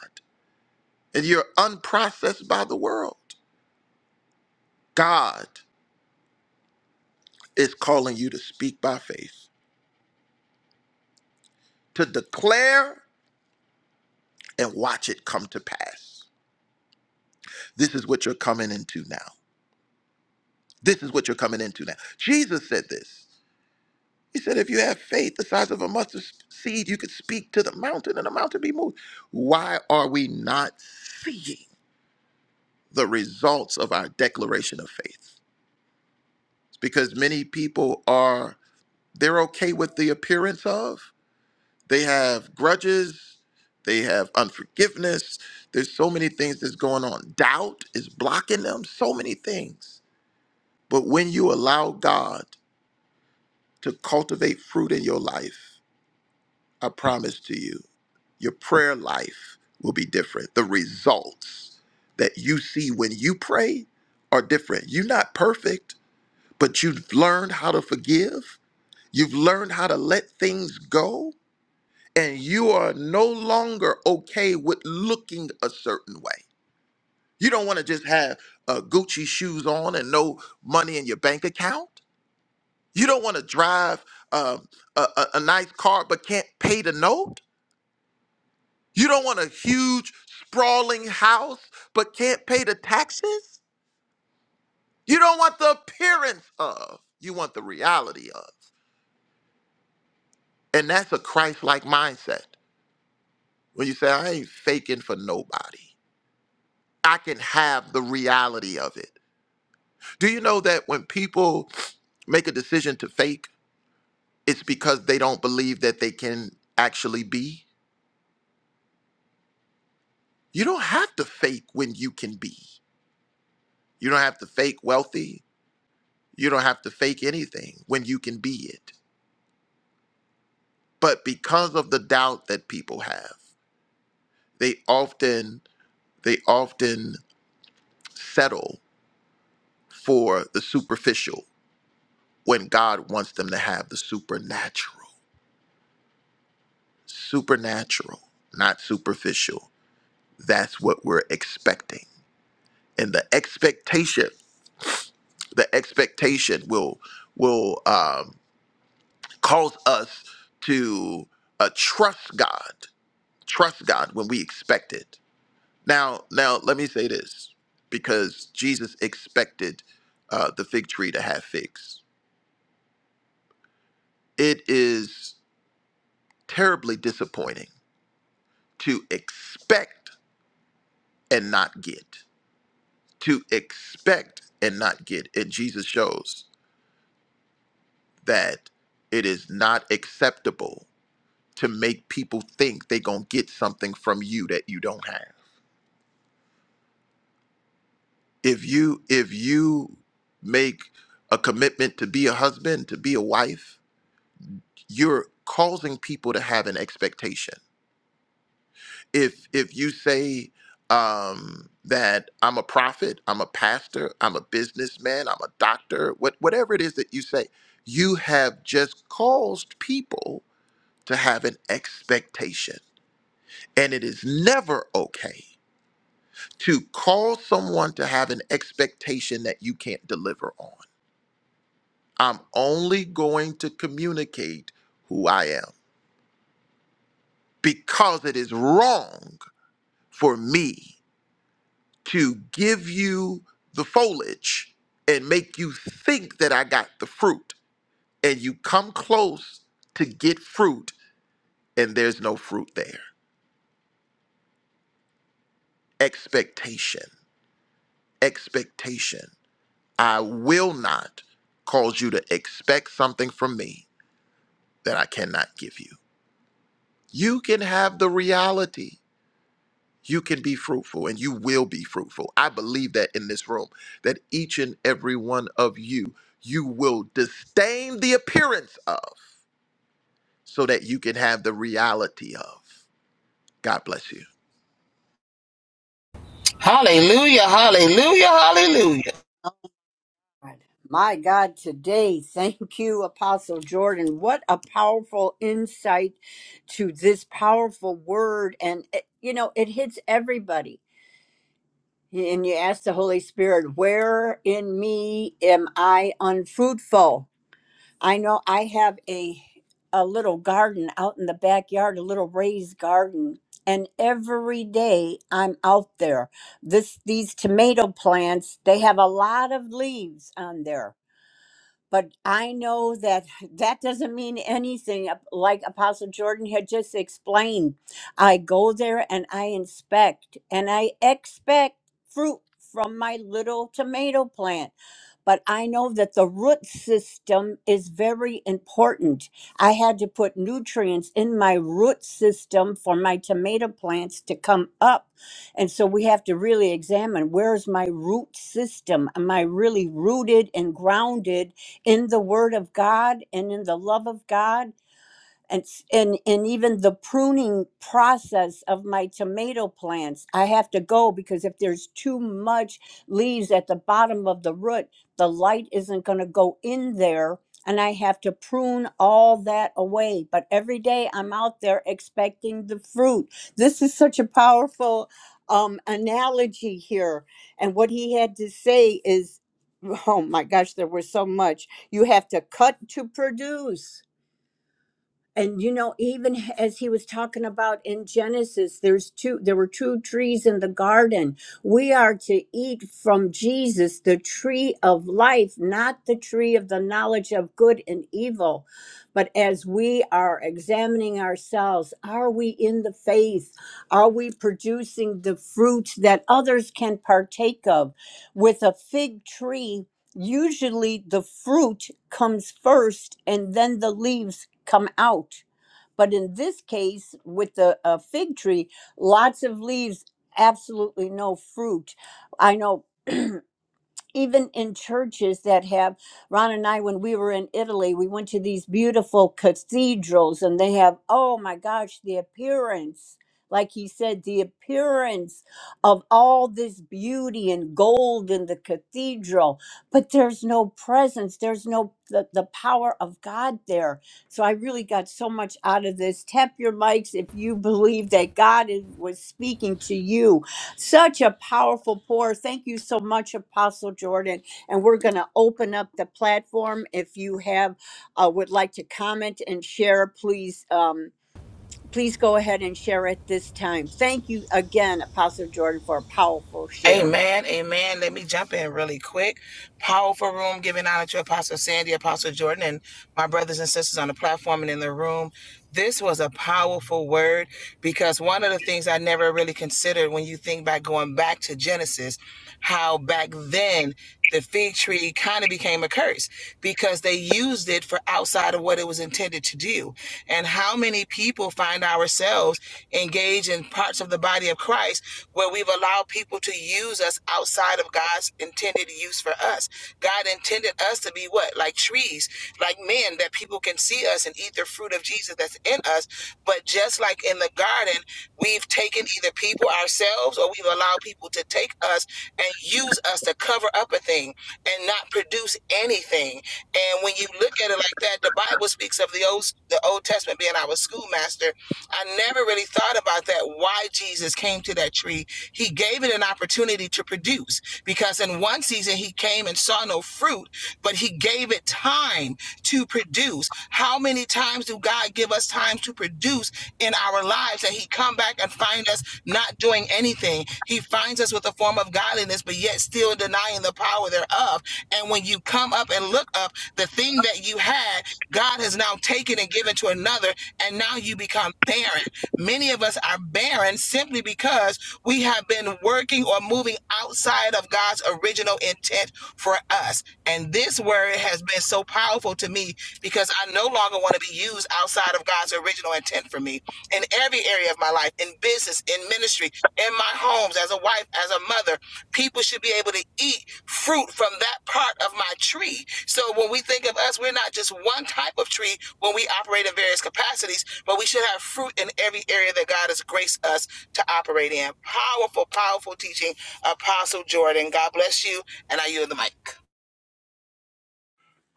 and you're unprocessed by the world. God is calling you to speak by faith, to declare and watch it come to pass. This is what you're coming into now. This is what you're coming into now. Jesus said this. He said, if you have faith the size of a mustard seed, you could speak to the mountain and the mountain be moved. Why are we not seeing? the results of our declaration of faith. Because many people are, they're okay with the appearance of, they have grudges, they have unforgiveness. There's so many things that's going on. Doubt is blocking them, so many things. But when you allow God to cultivate fruit in your life, I promise to you, your prayer life will be different. The results that you see when you pray are different. You're not perfect but you've learned how to forgive. You've learned how to let things go. And you are no longer okay with looking a certain way. You don't want to just have uh, Gucci shoes on and no money in your bank account. You don't want to drive um, a, a, a nice car but can't pay the note. You don't want a huge, sprawling house but can't pay the taxes. You don't want the appearance of, you want the reality of. And that's a Christ like mindset. When you say, I ain't faking for nobody, I can have the reality of it. Do you know that when people make a decision to fake, it's because they don't believe that they can actually be? You don't have to fake when you can be. You don't have to fake wealthy. You don't have to fake anything when you can be it. But because of the doubt that people have, they often they often settle for the superficial when God wants them to have the supernatural. Supernatural, not superficial. That's what we're expecting. And the expectation, the expectation will will um, cause us to uh, trust God. Trust God when we expect it. Now, now let me say this, because Jesus expected uh, the fig tree to have figs. It is terribly disappointing to expect and not get, to expect and not get. And Jesus shows that it is not acceptable to make people think they're going to get something from you that you don't have. If you if you make a commitment to be a husband, to be a wife, you're causing people to have an expectation. if if you say um, that I'm a prophet, I'm a pastor, I'm a businessman, I'm a doctor, what, whatever it is that you say, you have just caused people to have an expectation, and it is never okay to call someone to have an expectation that you can't deliver on. I'm only going to communicate who I am because it is wrong for me to give you the foliage and make you think that I got the fruit. And you come close to get fruit, and there's no fruit there. Expectation, expectation. I will not cause you to expect something from me that I cannot give you. You can have the reality. You can be fruitful and you will be fruitful. I believe that in this room, that each and every one of you, you will disdain the appearance of so that you can have the reality of. God bless you. Hallelujah, hallelujah, hallelujah. God. My God, today, <laughs> thank you, Apostle Jordan. What a powerful insight to this powerful word. And, it, you know, it hits everybody. And you ask the Holy Spirit, where in me am I unfruitful? I know I have a a little garden out in the backyard, a little raised garden, and every day I'm out there. This these tomato plants, they have a lot of leaves on there but I know that <laughs> that doesn't mean anything ap- like Apostle Jordan had just explained. I go there and I inspect and I expect fruit from my little tomato plant but I know that the root system is very important. I had to put nutrients in my root system for my tomato plants to come up. And so we have to really examine where's my root system? Am I really rooted and grounded in the Word of God and in the love of God? and s- and and even the pruning process of my tomato plants i have to go because if there's too much leaves at the bottom of the root the light isn't going to go in there and i have to prune all that away but every day i'm out there expecting the fruit this is such a powerful um analogy here and what he had to say is <laughs> oh my gosh there was so much you have to cut to produce and you know even as he was talking about in genesis there's two there were two trees in the garden we are to eat from jesus the tree of life not the tree of the knowledge of good and evil but as we are examining ourselves are we in the faith are we producing the fruit that others can partake of with a fig tree usually the fruit comes first and then the leaves come out. But in this case, with the uh, fig tree, lots of leaves, absolutely no fruit. I know even in churches that have Ron and I when we were in Italy we went to these beautiful cathedrals and they have oh my gosh the appearance like he said the appearance of all this beauty and gold in the cathedral but there's no presence there's no the, the power of God there so I really got so much out of this tap your mics if you believe that God is, was speaking to you such a powerful pour. Thank you so much, Apostle Jordan. And we're going to open up the platform. If you have uh, would like to comment and share, please um, please go ahead and share at this time. Thank you again, Apostle Jordan, for a powerful share.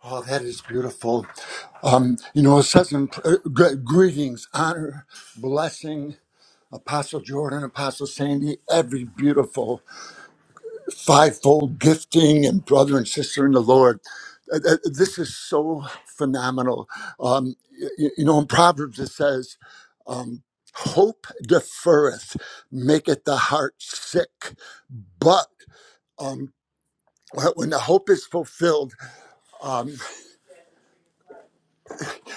Oh, that is beautiful. Um, you know, such an, uh, gr- greetings, honor, blessing, Apostle Jordan, Apostle Sandy, every beautiful. fivefold gifting and brother and sister in the Lord. Uh, uh, This is so phenomenal. Um, you, you know, in Proverbs it says, um, "Hope deferreth, maketh the heart sick," but um, when when the hope is fulfilled, um,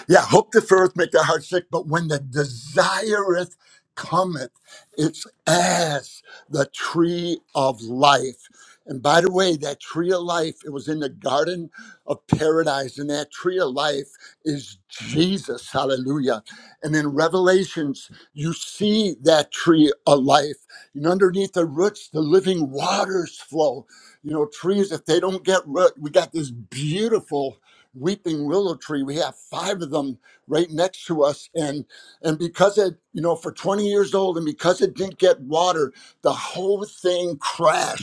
Yeah, hope deferreth make the heart sick, but when the desireth cometh, it's as the tree of life. And by the way, that tree of life, it was in the garden of paradise, and that tree of life is Jesus. Hallelujah. And in Revelations, you see that tree of life. And underneath the roots, the living waters flow. You know, trees, if they don't get root, we got this beautiful weeping willow tree. We have five of them right next to us, and and because it, you know, for 20 years old, and because it didn't get water, the whole thing crashed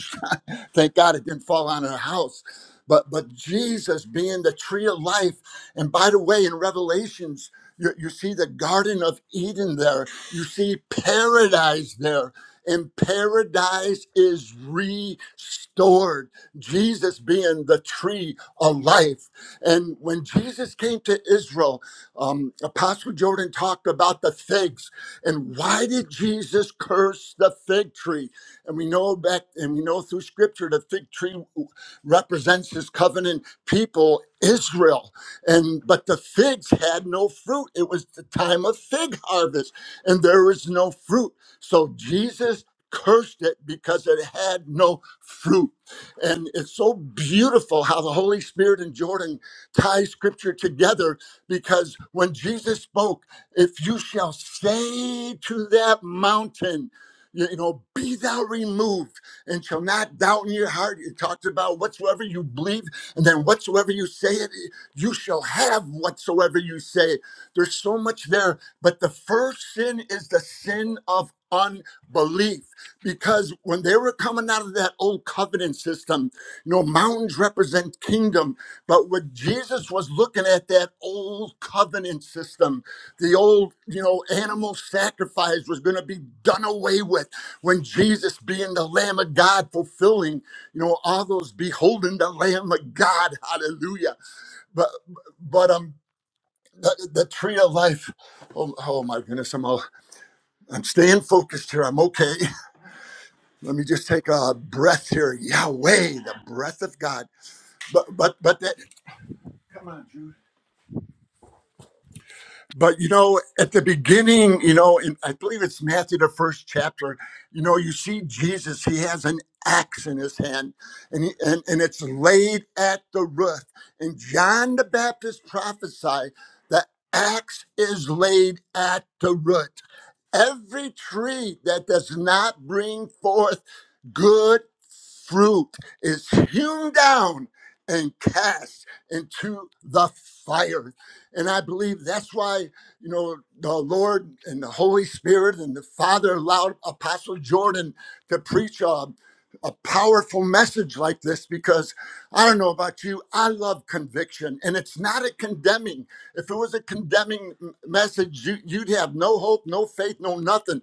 Thank God it didn't fall on her house. But but Jesus being the tree of life, and by the way, in Revelations, you, you see the Garden of Eden there. You see paradise there. And paradise is restored. Jesus being the tree of life. And when Jesus came to Israel, um, Apostle Jordan talked about the figs. And why did Jesus curse the fig tree? And we know back and we know through scripture the fig tree represents his covenant people, Israel. And but the figs had no fruit. It was the time of fig harvest, and there was no fruit. So Jesus cursed it because it had no fruit. And it's so beautiful how the Holy Spirit and Jordan tie scripture together because when Jesus spoke, if you shall say to that mountain, you you know, be thou removed and shall not doubt in your heart. It talks about whatsoever you believe, and then whatsoever you say it, you shall have whatsoever you say. There's so much there, but the first sin is the sin of unbelief because when they were coming out of that old covenant system you know mountains represent kingdom but when Jesus was looking at that old covenant system, the old, you know, animal sacrifice was going to be done away with. When Jesus, being the Lamb of God, fulfilling, you know, all those beholding the Lamb of God, hallelujah. But, but, um, the, the tree of life. Oh, oh my goodness, I'm all, I'm staying focused here. I'm okay. <laughs> Let me just take a breath here. Yahweh, the breath of God. But but but that. Come on. But you know, at the beginning, you know, in I believe it's Matthew the first chapter, you know, you see Jesus, he has an axe in his hand, and he, and, and it's laid at the root. And John the Baptist prophesied the axe is laid at the root every tree that does not bring forth good fruit is hewn down and cast into the fire. And I believe that's why, you know, the Lord and the Holy Spirit and the Father allowed Apostle Jordan to preach a, a powerful message like this because I don't know about you, I love conviction and it's not a condemning. If it was a condemning m- message, you, you'd have no hope, no faith, no nothing.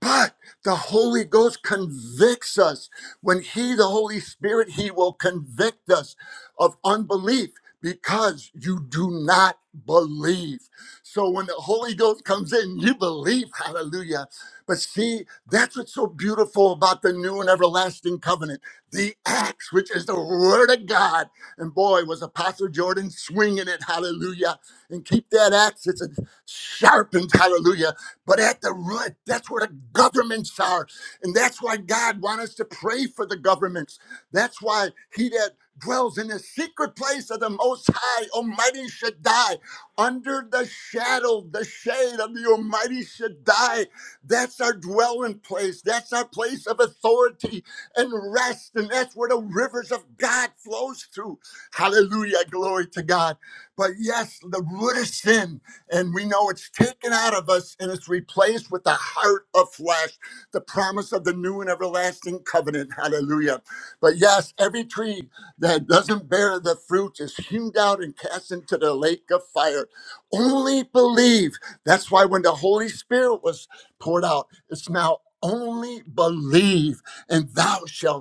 But the Holy Ghost convicts us. When He, the Holy Spirit, He will convict us of unbelief because you do not believe. So when the Holy Ghost comes in, you believe. Hallelujah. But see, that's what's so beautiful about the new and everlasting covenant the acts, which is the word of God. And boy, was Apostle Jordan swinging it. Hallelujah and keep that axe. It's sharpened, hallelujah. But at the root, that's where the governments are. And that's why God wants us to pray for the governments. That's why he that dwells in the secret place of the Most High, Almighty Shaddai, under the shadow, the shade of the Almighty Shaddai. That's our dwelling place. That's our place of authority and rest. And that's where the rivers of God flows through. Hallelujah. Glory to God. But yes, the root of sin, and we know it's taken out of us and it's replaced with the heart of flesh, the promise of the new and everlasting covenant. Hallelujah. But yes, every tree that doesn't bear the fruit is hewn out and cast into the lake of fire. Only believe. That's why when the Holy Spirit was poured out, it's now only believe and thou shalt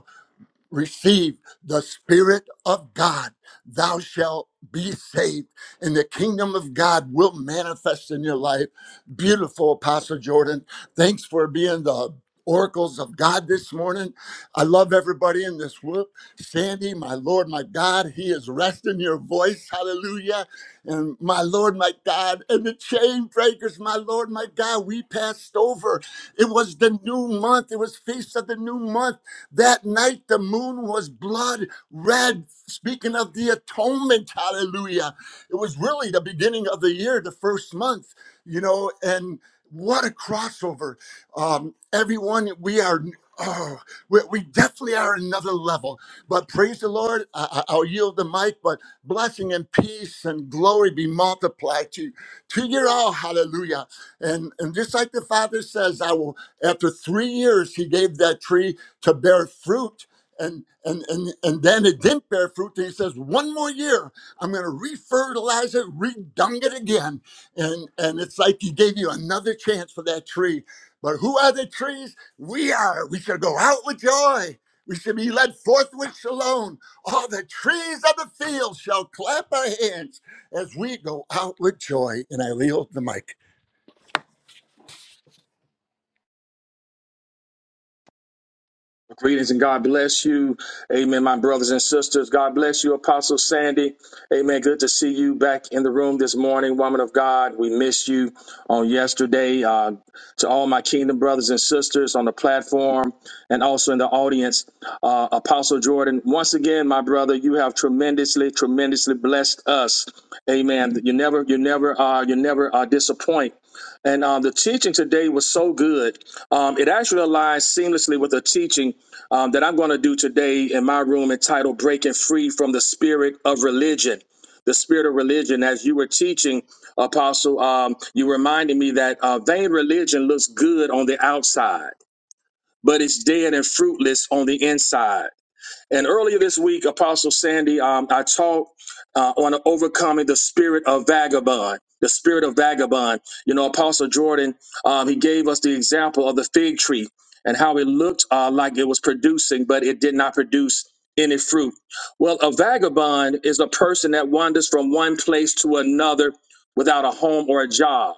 receive the Spirit of God, thou shalt be saved, and the kingdom of God will manifest in your life. Beautiful, Apostle Jordan. Thanks for being the oracles of God this morning. I love everybody in this room. Sandy, my Lord, my God, He is resting your voice. Hallelujah. And my Lord, my God, and the chain breakers, my Lord, my God, we passed over. It was the new month. It was feast of the new month that night, the moon was blood red, speaking of the atonement. Hallelujah. It was really the beginning of the year, the first month, you know, and what a crossover. Um, everyone, we are. Oh, we, we definitely are another level. But praise the Lord. I, I- I'll yield the mic, but blessing and peace and glory be multiplied to, to you all. Hallelujah. And, and just like the Father says, I will, after three years, He gave that tree to bear fruit. And, and, and, and then it didn't bear fruit. And he says, one more year, I'm going to refertilize it, redung it again. And, and it's like he gave you another chance for that tree. But who are the trees? We are. We should go out with joy. We should be led forth with shalom. All the trees of the field shall clap our hands as we go out with joy. And I yield the mic. Greetings and God bless you. Amen, my brothers and sisters. God bless you, Apostle Sandy. Amen. Good to see you back in the room this morning, woman of God. We missed you on yesterday. Uh, to all my kingdom brothers and sisters on the platform and also in the audience, uh, Apostle Jordan, once again, my brother, you have tremendously, tremendously blessed us. Amen. You never, you never, uh, you never uh, disappoint. And um, the teaching today was so good. Um, it actually aligns seamlessly with a teaching um, that I'm going to do today in my room entitled Breaking Free from the Spirit of Religion. The Spirit of Religion. As you were teaching, Apostle, um, you reminded me that uh, vain religion looks good on the outside, but it's dead and fruitless on the inside. And earlier this week, Apostle Sandy, um, I taught uh, on overcoming the spirit of vagabond. The spirit of vagabond. You know, Apostle Jordan, um, he gave us the example of the fig tree and how it looked uh, like it was producing, but it did not produce any fruit. Well, a vagabond is a person that wanders from one place to another without a home or a job.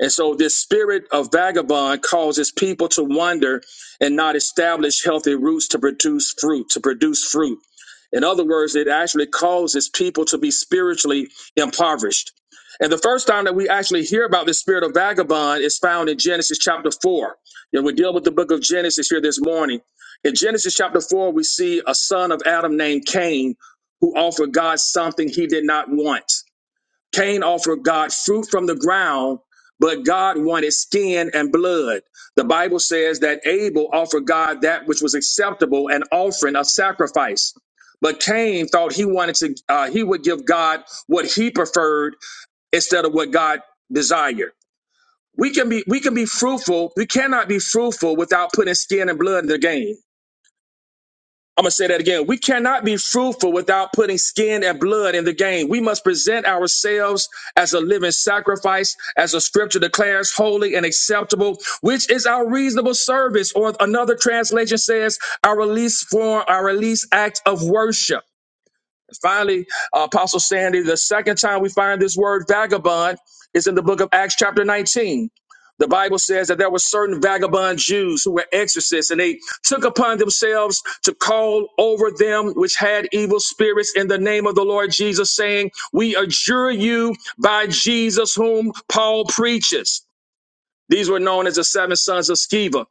And so, this spirit of vagabond causes people to wander and not establish healthy roots to produce fruit, to produce fruit. In other words, it actually causes people to be spiritually impoverished. And the first time that we actually hear about the spirit of vagabond is found in Genesis chapter 4. And we deal with the book of Genesis here this morning. In Genesis chapter 4, we see a son of Adam named Cain who offered God something he did not want. Cain offered God fruit from the ground, but God wanted skin and blood. The Bible says that Abel offered God that which was acceptable, an offering of sacrifice. But Cain thought he wanted to, uh, he would give God what he preferred instead of what God desired. We can be, we can be fruitful. We cannot be fruitful without putting skin and blood in the game. I'm gonna say that again. We cannot be fruitful without putting skin and blood in the game. We must present ourselves as a living sacrifice, as the scripture declares, holy and acceptable, which is our reasonable service. Or another translation says, our release form, our release act of worship. Finally, uh, Apostle Sandy, the second time we find this word vagabond is in the book of Acts, chapter 19. The Bible says that there were certain vagabond Jews who were exorcists, and they took upon themselves to call over them which had evil spirits in the name of the Lord Jesus, saying, We adjure you by Jesus whom Paul preaches. These were known as the seven sons of Sceva.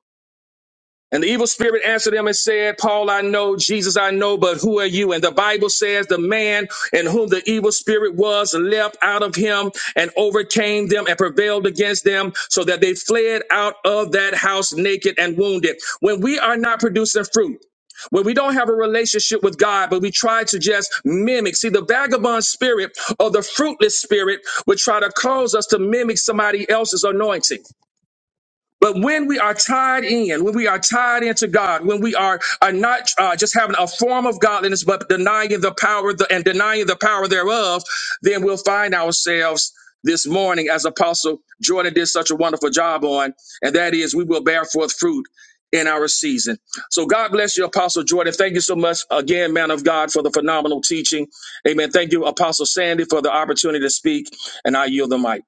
And the evil spirit answered him and said, Paul, I know, Jesus, I know, but who are you? And the Bible says the man in whom the evil spirit was leapt out of him and overcame them and prevailed against them so that they fled out of that house naked and wounded. When we are not producing fruit, when we don't have a relationship with God, but we try to just mimic. See, the vagabond spirit or the fruitless spirit would try to cause us to mimic somebody else's anointing. But when we are tied in, when we are tied into God, when we are, are not uh, just having a form of godliness, but denying the power the, and denying the power thereof, then we'll find ourselves this morning, as Apostle Jordan did such a wonderful job on, and that is we will bear forth fruit in our season. So God bless you, Apostle Jordan. Thank you so much again, man of God, for the phenomenal teaching. Amen. Thank you, Apostle Sandy, for the opportunity to speak, and I yield the mic.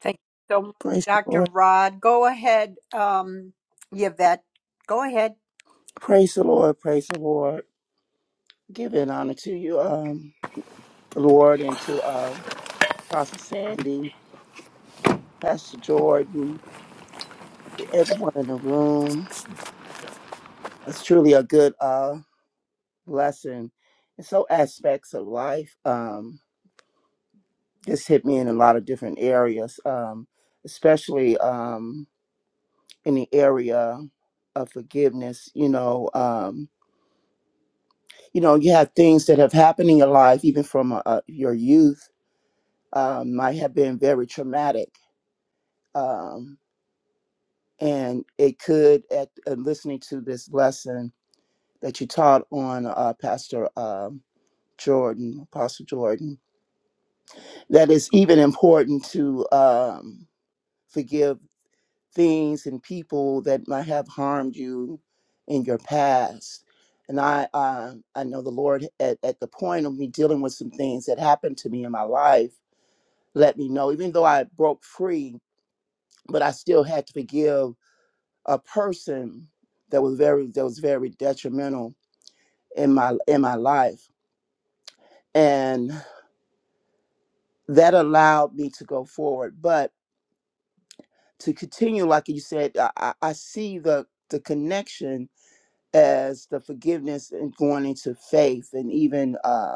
Thank you so much, Praise the Dr. Lord. Rod. Go ahead, um, Yvette. Go ahead. Praise the Lord. Praise the Lord. Give it honor to you, um, Lord, and to uh, Pastor Sandy, Pastor Jordan, to everyone in the room. It's truly a good uh, lesson in so aspects of life. Um, this hit me in a lot of different areas, um, especially um, in the area of forgiveness. You know, um, you know, you have things that have happened in your life, even from uh, uh, your youth, um, might have been very traumatic, um, and it could. At uh, listening to this lesson that you taught on uh, Pastor um Jordan, Apostle Jordan, that it's even important to. Um, forgive things and people that might have harmed you in your past. And I, uh, I know the Lord at, at the point of me dealing with some things that happened to me in my life. That even though I broke free, I still give a person that was very that was very you know in my life, and that allowed me to go. But to continue, like you said, I, I I see the the connection as the and going into faith and even Uh,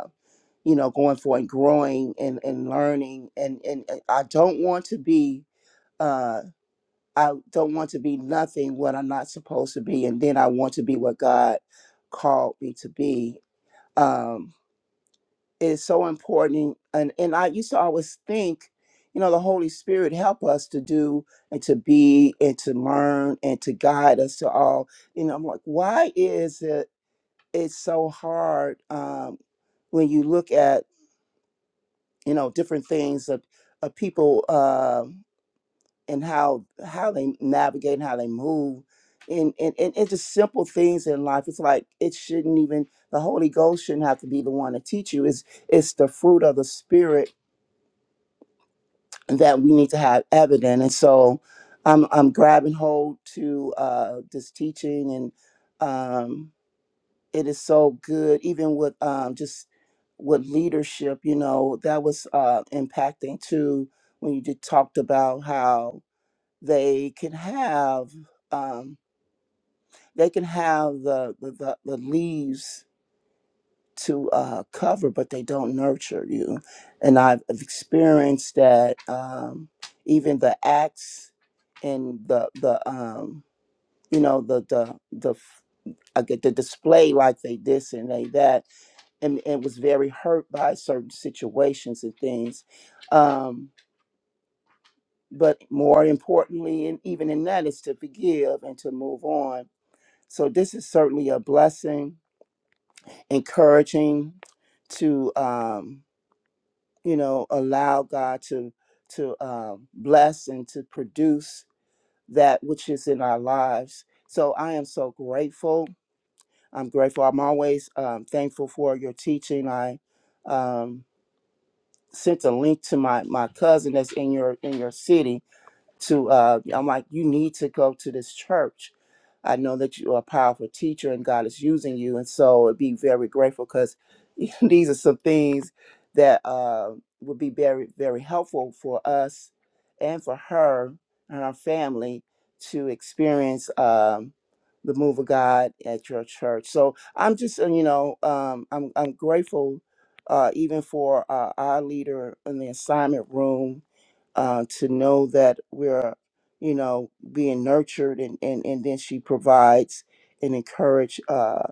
you know, going for and growing and, and learning. And, and and I don't want to be, uh, I don't want to be nothing what I'm not supposed to be. And then I want to be what God called me to be. Um, it's so important. And, and I used to always think, you know, the Holy Spirit help us to do and to be and to learn and to guide us to all. You know, I'm like, why is it, it's so hard um, when you look at you know different things of, of people uh, and how how they navigate and how they move and, and and it's just simple things in life it's like it shouldn't even the holy ghost shouldn't have to be the one to teach you it's it's the fruit of the spirit that we need to have evident and so i'm i'm grabbing hold to uh this teaching and um it is so good even with um just with leadership you know that was uh impacting too when you did talked about how they can have um they can have the the, the the leaves to uh cover but they don't nurture you and i've experienced that um even the acts and the the um you know the the the I get the display like they this and they that and, and was very hurt by certain situations and things. Um, but more importantly, and even in that, is to forgive and to move on. So this is certainly a blessing, encouraging to um, you know allow God to to um, bless and to produce that which is in our lives. So I am so grateful. I'm grateful. I'm always um, thankful for your teaching. I um, sent a link to my my cousin that's in your in your city, to uh I'm like, you need to go to this church. I know that you are a powerful teacher and God is using you. And so it'd be very grateful because <laughs> these are some things that uh would be very, very helpful for us and for her and our family to experience um the move of God at your church. So I'm just uh, you know, um I'm I'm grateful uh even for uh, our leader in the assignment room uh, to know that we're, you know, being nurtured, and and and then she provides and encourage uh,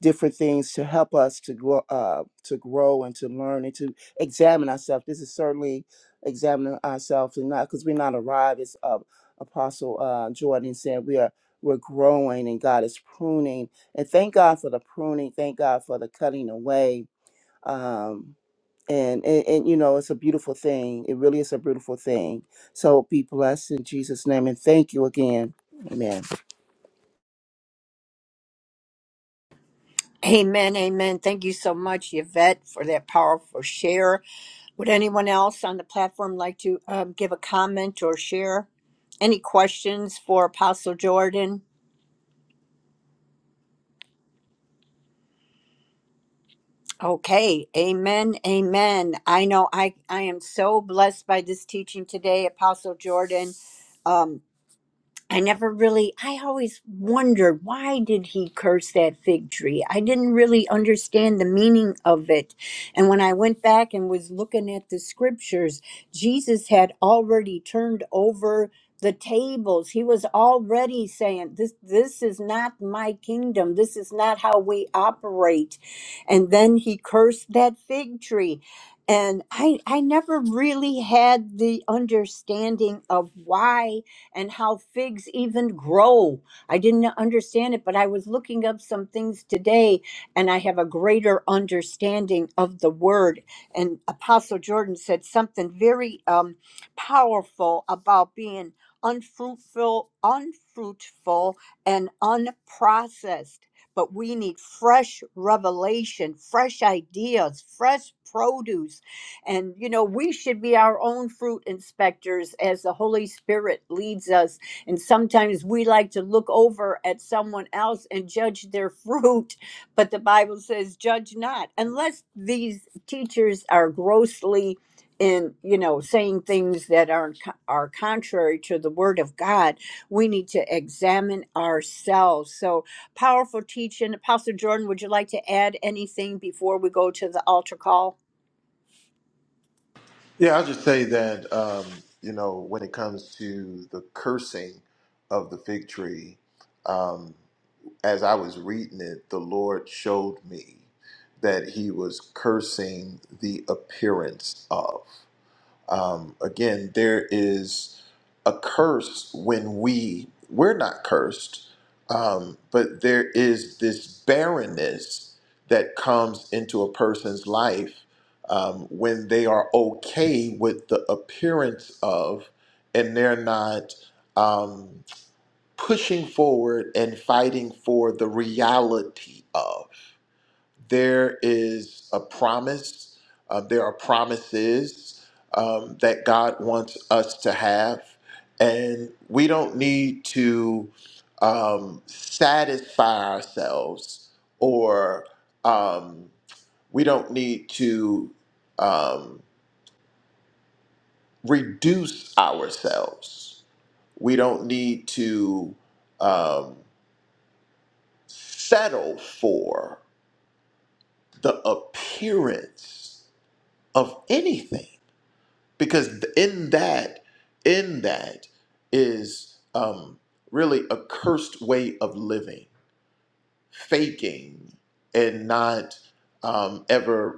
different things to help us to grow, uh, to grow and to learn and to examine ourselves. This is certainly examining ourselves, and not because we're not arrived. As uh, Apostle uh, Jordan said, we are we're growing, and God is pruning. And thank God for the pruning. Thank God for the cutting away. Um, and, and and you know it's a beautiful thing it really is a beautiful thing so be blessed in jesus name and thank you again amen Amen, amen. Thank you so much, Yvette, for that powerful share. Would anyone else on the platform like to um, give a comment or share any questions for Apostle Jordan? Okay, amen, amen. I know I, I am so blessed by this teaching today, Apostle Jordan. Um, I never really, I always wondered why did he curse that fig tree? I didn't really understand the meaning of it. And when I went back and was looking at the scriptures, Jesus had already turned over the tables. He was already saying, this, this is not my kingdom. This is not how we operate. And then he cursed that fig tree. And I, I never really had the understanding of why and how figs even grow. I didn't understand it, but I was looking up some things today and I have a greater understanding of the word. And Apostle Jordan said something very um, powerful about being unfruitful, unfruitful, and unprocessed. But we need fresh revelation, fresh ideas, fresh produce and, you know, we should be our own fruit inspectors as the Holy Spirit leads us. And sometimes we like to look over at someone else and judge their <laughs> fruit. But the Bible says, judge not, unless these teachers are grossly in you know saying things that are are contrary to the word of god we need to examine ourselves so powerful teaching apostle jordan would you like to add anything before we go to the altar call Yeah, I'll just say that, um, you know, when it comes to the cursing of the fig tree, um, as I was reading it, the Lord showed me that he was cursing the appearance of. Again, there is. a curse when we we're not cursed um, but there is this barrenness that comes into a person's life um, when they are okay with the appearance of and they're not um, pushing forward and fighting for the reality of there is a promise, uh, there are promises um, that God wants us to have. And we don't need to um, satisfy ourselves or um, we don't need to um, reduce ourselves. We don't need to um, settle for the appearance of anything because in that in that is um, really a cursed way of living faking and not um, ever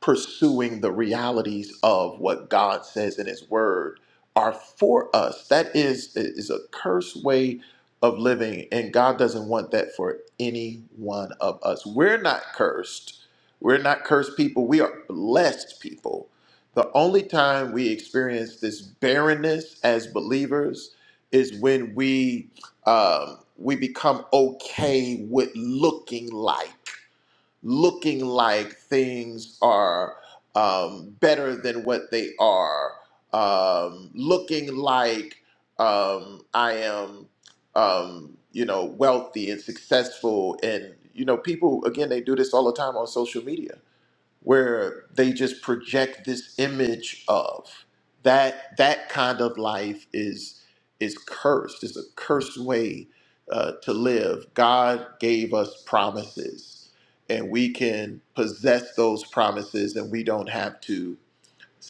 pursuing the realities of what God says in His Word are for us. That is is a cursed way of living, and God doesn't want that for any one of us. We're not cursed. We're not cursed people. We are blessed people. The only time we experience this barrenness as believers is when we um, we become okay with looking like looking like things are um, better than what they are, um, looking like um, I am, um, you know, wealthy and successful. And, you know, people, again, they do this all the time on social media where they just project this image of that that kind of life is is cursed it's a cursed way uh, to live god gave us promises and we can possess those promises and we don't have to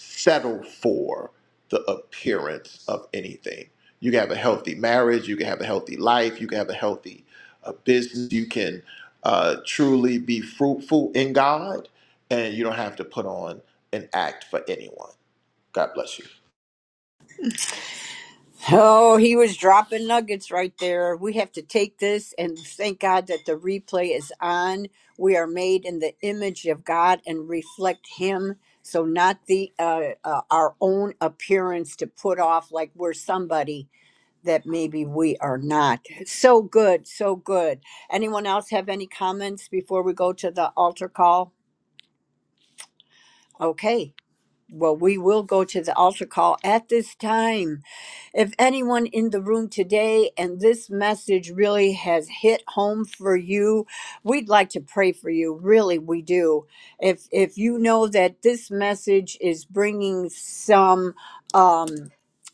settle for the appearance of anything. You can have a healthy marriage, you can have a healthy life, you can have a healthy uh, business, you can uh, truly be fruitful in God, and you don't have to put on an act for anyone. God bless you. Oh, he was dropping nuggets right there. We have to take this and thank God that the replay is on. We are made in the image of God and reflect Him, so not the uh, uh, our own appearance to put off like we're somebody that maybe we are not. So good, so good. Anyone else have any comments before we go to the altar call? Okay, well we will go to the altar call at this time. If anyone in the room today and this message really has hit home for you, we'd like to pray for you. Really, we do. If if you know that this message is bringing some um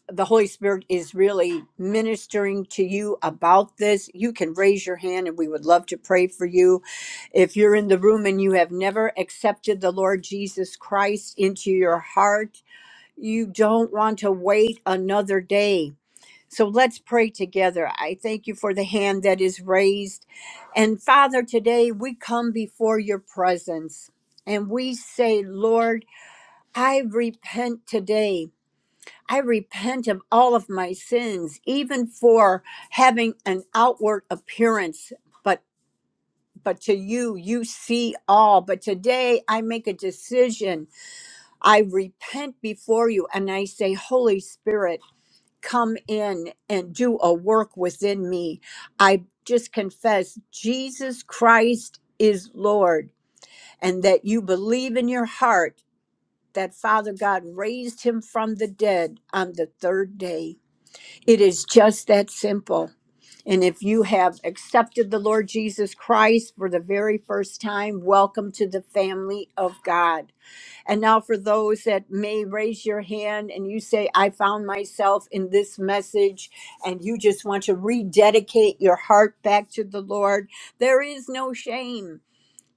the Holy Spirit is really ministering to you about this. You can raise your hand and we would love to pray for you. If you're in the room and you have never accepted the Lord Jesus Christ into your heart, you don't want to wait another day so let's pray together. I thank you for the hand that is raised. And Father, today we come before your presence and we say, Lord, I repent today. I repent of all of my sins, even for having an outward appearance. But but to you, you see all. But today I make a decision. I repent before you and I say, Holy Spirit come in and do a work within me. I just confess Jesus Christ is Lord and that you believe in your heart that Father God raised him from the dead on the third day. It is just that simple. And if you have accepted the Lord Jesus Christ for the very first time, welcome to the family of God. And now, for those that may raise your hand and you say, I found myself in this message, and you just want to rededicate your heart back to the Lord, there is no shame.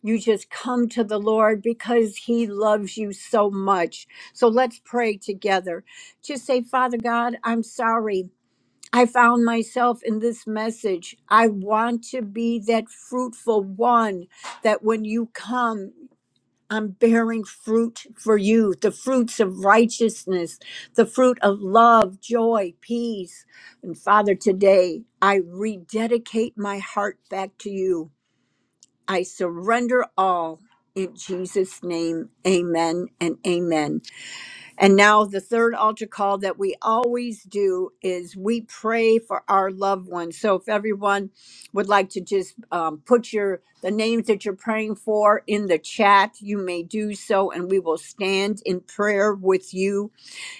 You just come to the Lord because He loves you so much. So let's pray together. Just say, Father God, I'm sorry. I found myself in this message. I want to be that fruitful one that when you come, I'm bearing fruit for you, the fruits of righteousness, the fruit of love, joy, peace. And Father, today I rededicate my heart back to you. I surrender all in Jesus' name. Amen and amen. And now, the third altar call that we always do is we pray for our loved ones. So, if everyone would like to just um, put your the names that you're praying for in the chat, you may do so, and we will stand in prayer with you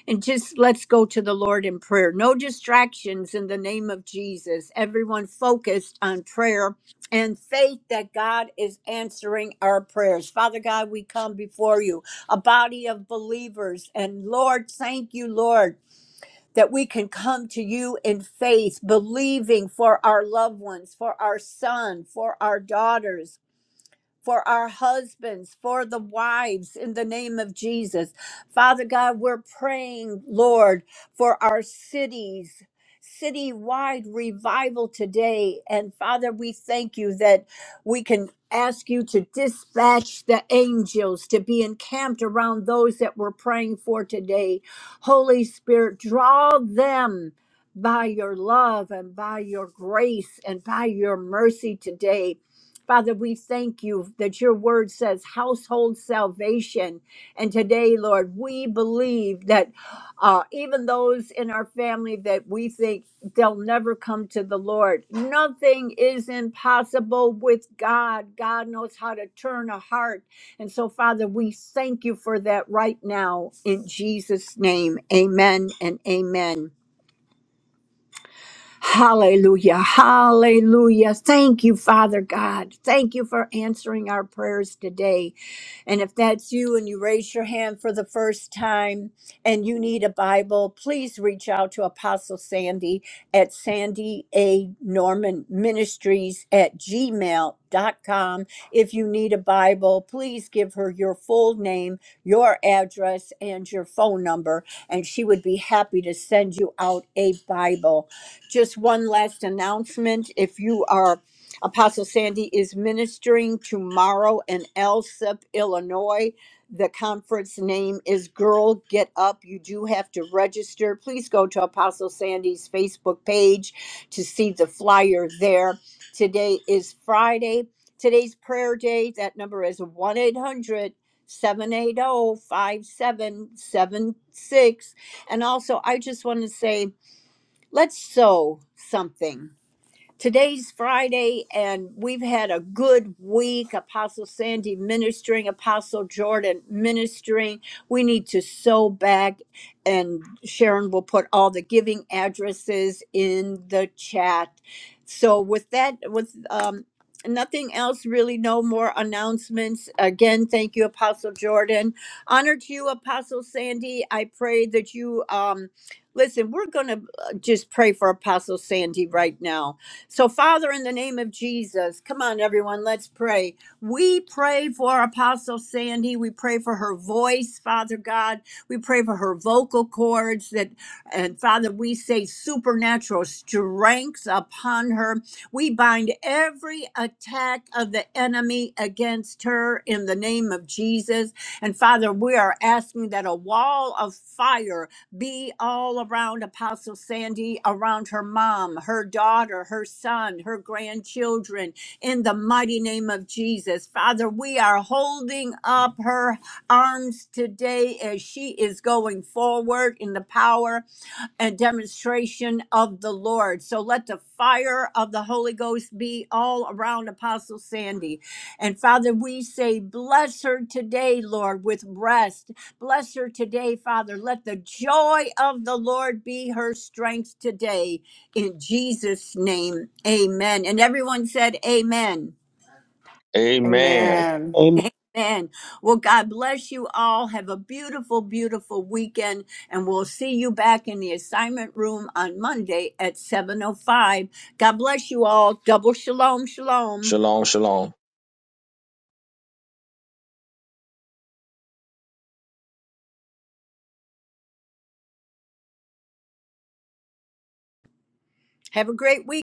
and just let's go to the Lord in prayer. No distractions in the name of Jesus. Everyone focused on prayer and faith that God is answering our prayers. Father God, we come before you, a body of believers. And Lord, thank you, Lord. That we can come to you in faith, believing for our loved ones, for our son, for our daughters, for our husbands, for the wives, in the name of Jesus. Father God, we're praying, Lord, for our cities. Citywide revival today. And Father, we thank you that we can ask you to dispatch the angels to be encamped around those that we're praying for today. Holy Spirit, draw them by your love and by your grace and by your mercy today. Father, we thank you that your word says household salvation. And today, Lord, we believe that uh, even those in our family that we think they'll never come to the Lord, nothing is impossible with God. God knows how to turn a heart. And so, Father, we thank you for that right now in Jesus' name. Amen and amen. Hallelujah. Hallelujah. Thank you, Father God. Thank you for answering our prayers today. And if that's you and you raise your hand for the first time and you need a Bible, please reach out to Apostle Sandy at Sandy A. Norman Ministries at gmail dot com. If you need a Bible, please give her your full name, your address, and your phone number, and she would be happy to send you out a Bible. Just one last announcement. If you are, Apostle Sandy is ministering tomorrow in Elsip, Illinois. The conference name is Girl Get Up. You do have to register. Please go to Apostle Sandy's Facebook page to see the flyer there. Today is Friday. Today's prayer day. That number is 1 800 780 5776. And also, I just want to say, Let's sew something. Today's Friday, and we've had a good week. Apostle Sandy ministering, Apostle Jordan ministering. We need to sow back, and Sharon will put all the giving addresses in the chat. So, with that, with um, nothing else, really, no more announcements. Again, thank you, Apostle Jordan. Honor to you, Apostle Sandy. I pray that you. Um, Listen, we're going to just pray for Apostle Sandy right now so, Father, in the name of Jesus, come on, everyone, let's pray. We pray for Apostle Sandy. We pray for her voice, Father God. We pray for her vocal cords that, and Father, we say supernatural strength upon her. We bind every attack of the enemy against her in the name of Jesus. And Father, we are asking that a wall of fire be all around Apostle Sandy, around her mom, her daughter, her son, her grandchildren, in the mighty name of Jesus. Father, we are holding up her arms today as she is going forward in the power and demonstration of the Lord. So let the fire of the Holy Ghost be all around Apostle Sandy. And Father, we say, bless her today, Lord, with rest. Bless her today, Father. Let the joy of the Lord be her strength today. In Jesus' name, amen. And everyone said, Amen. Amen. Amen. Amen. Well, God bless you all. Have a beautiful, beautiful weekend. And we'll see you back in the assignment room on Monday at 7.05. God bless you all. Double shalom, shalom. Shalom, shalom. Have a great week.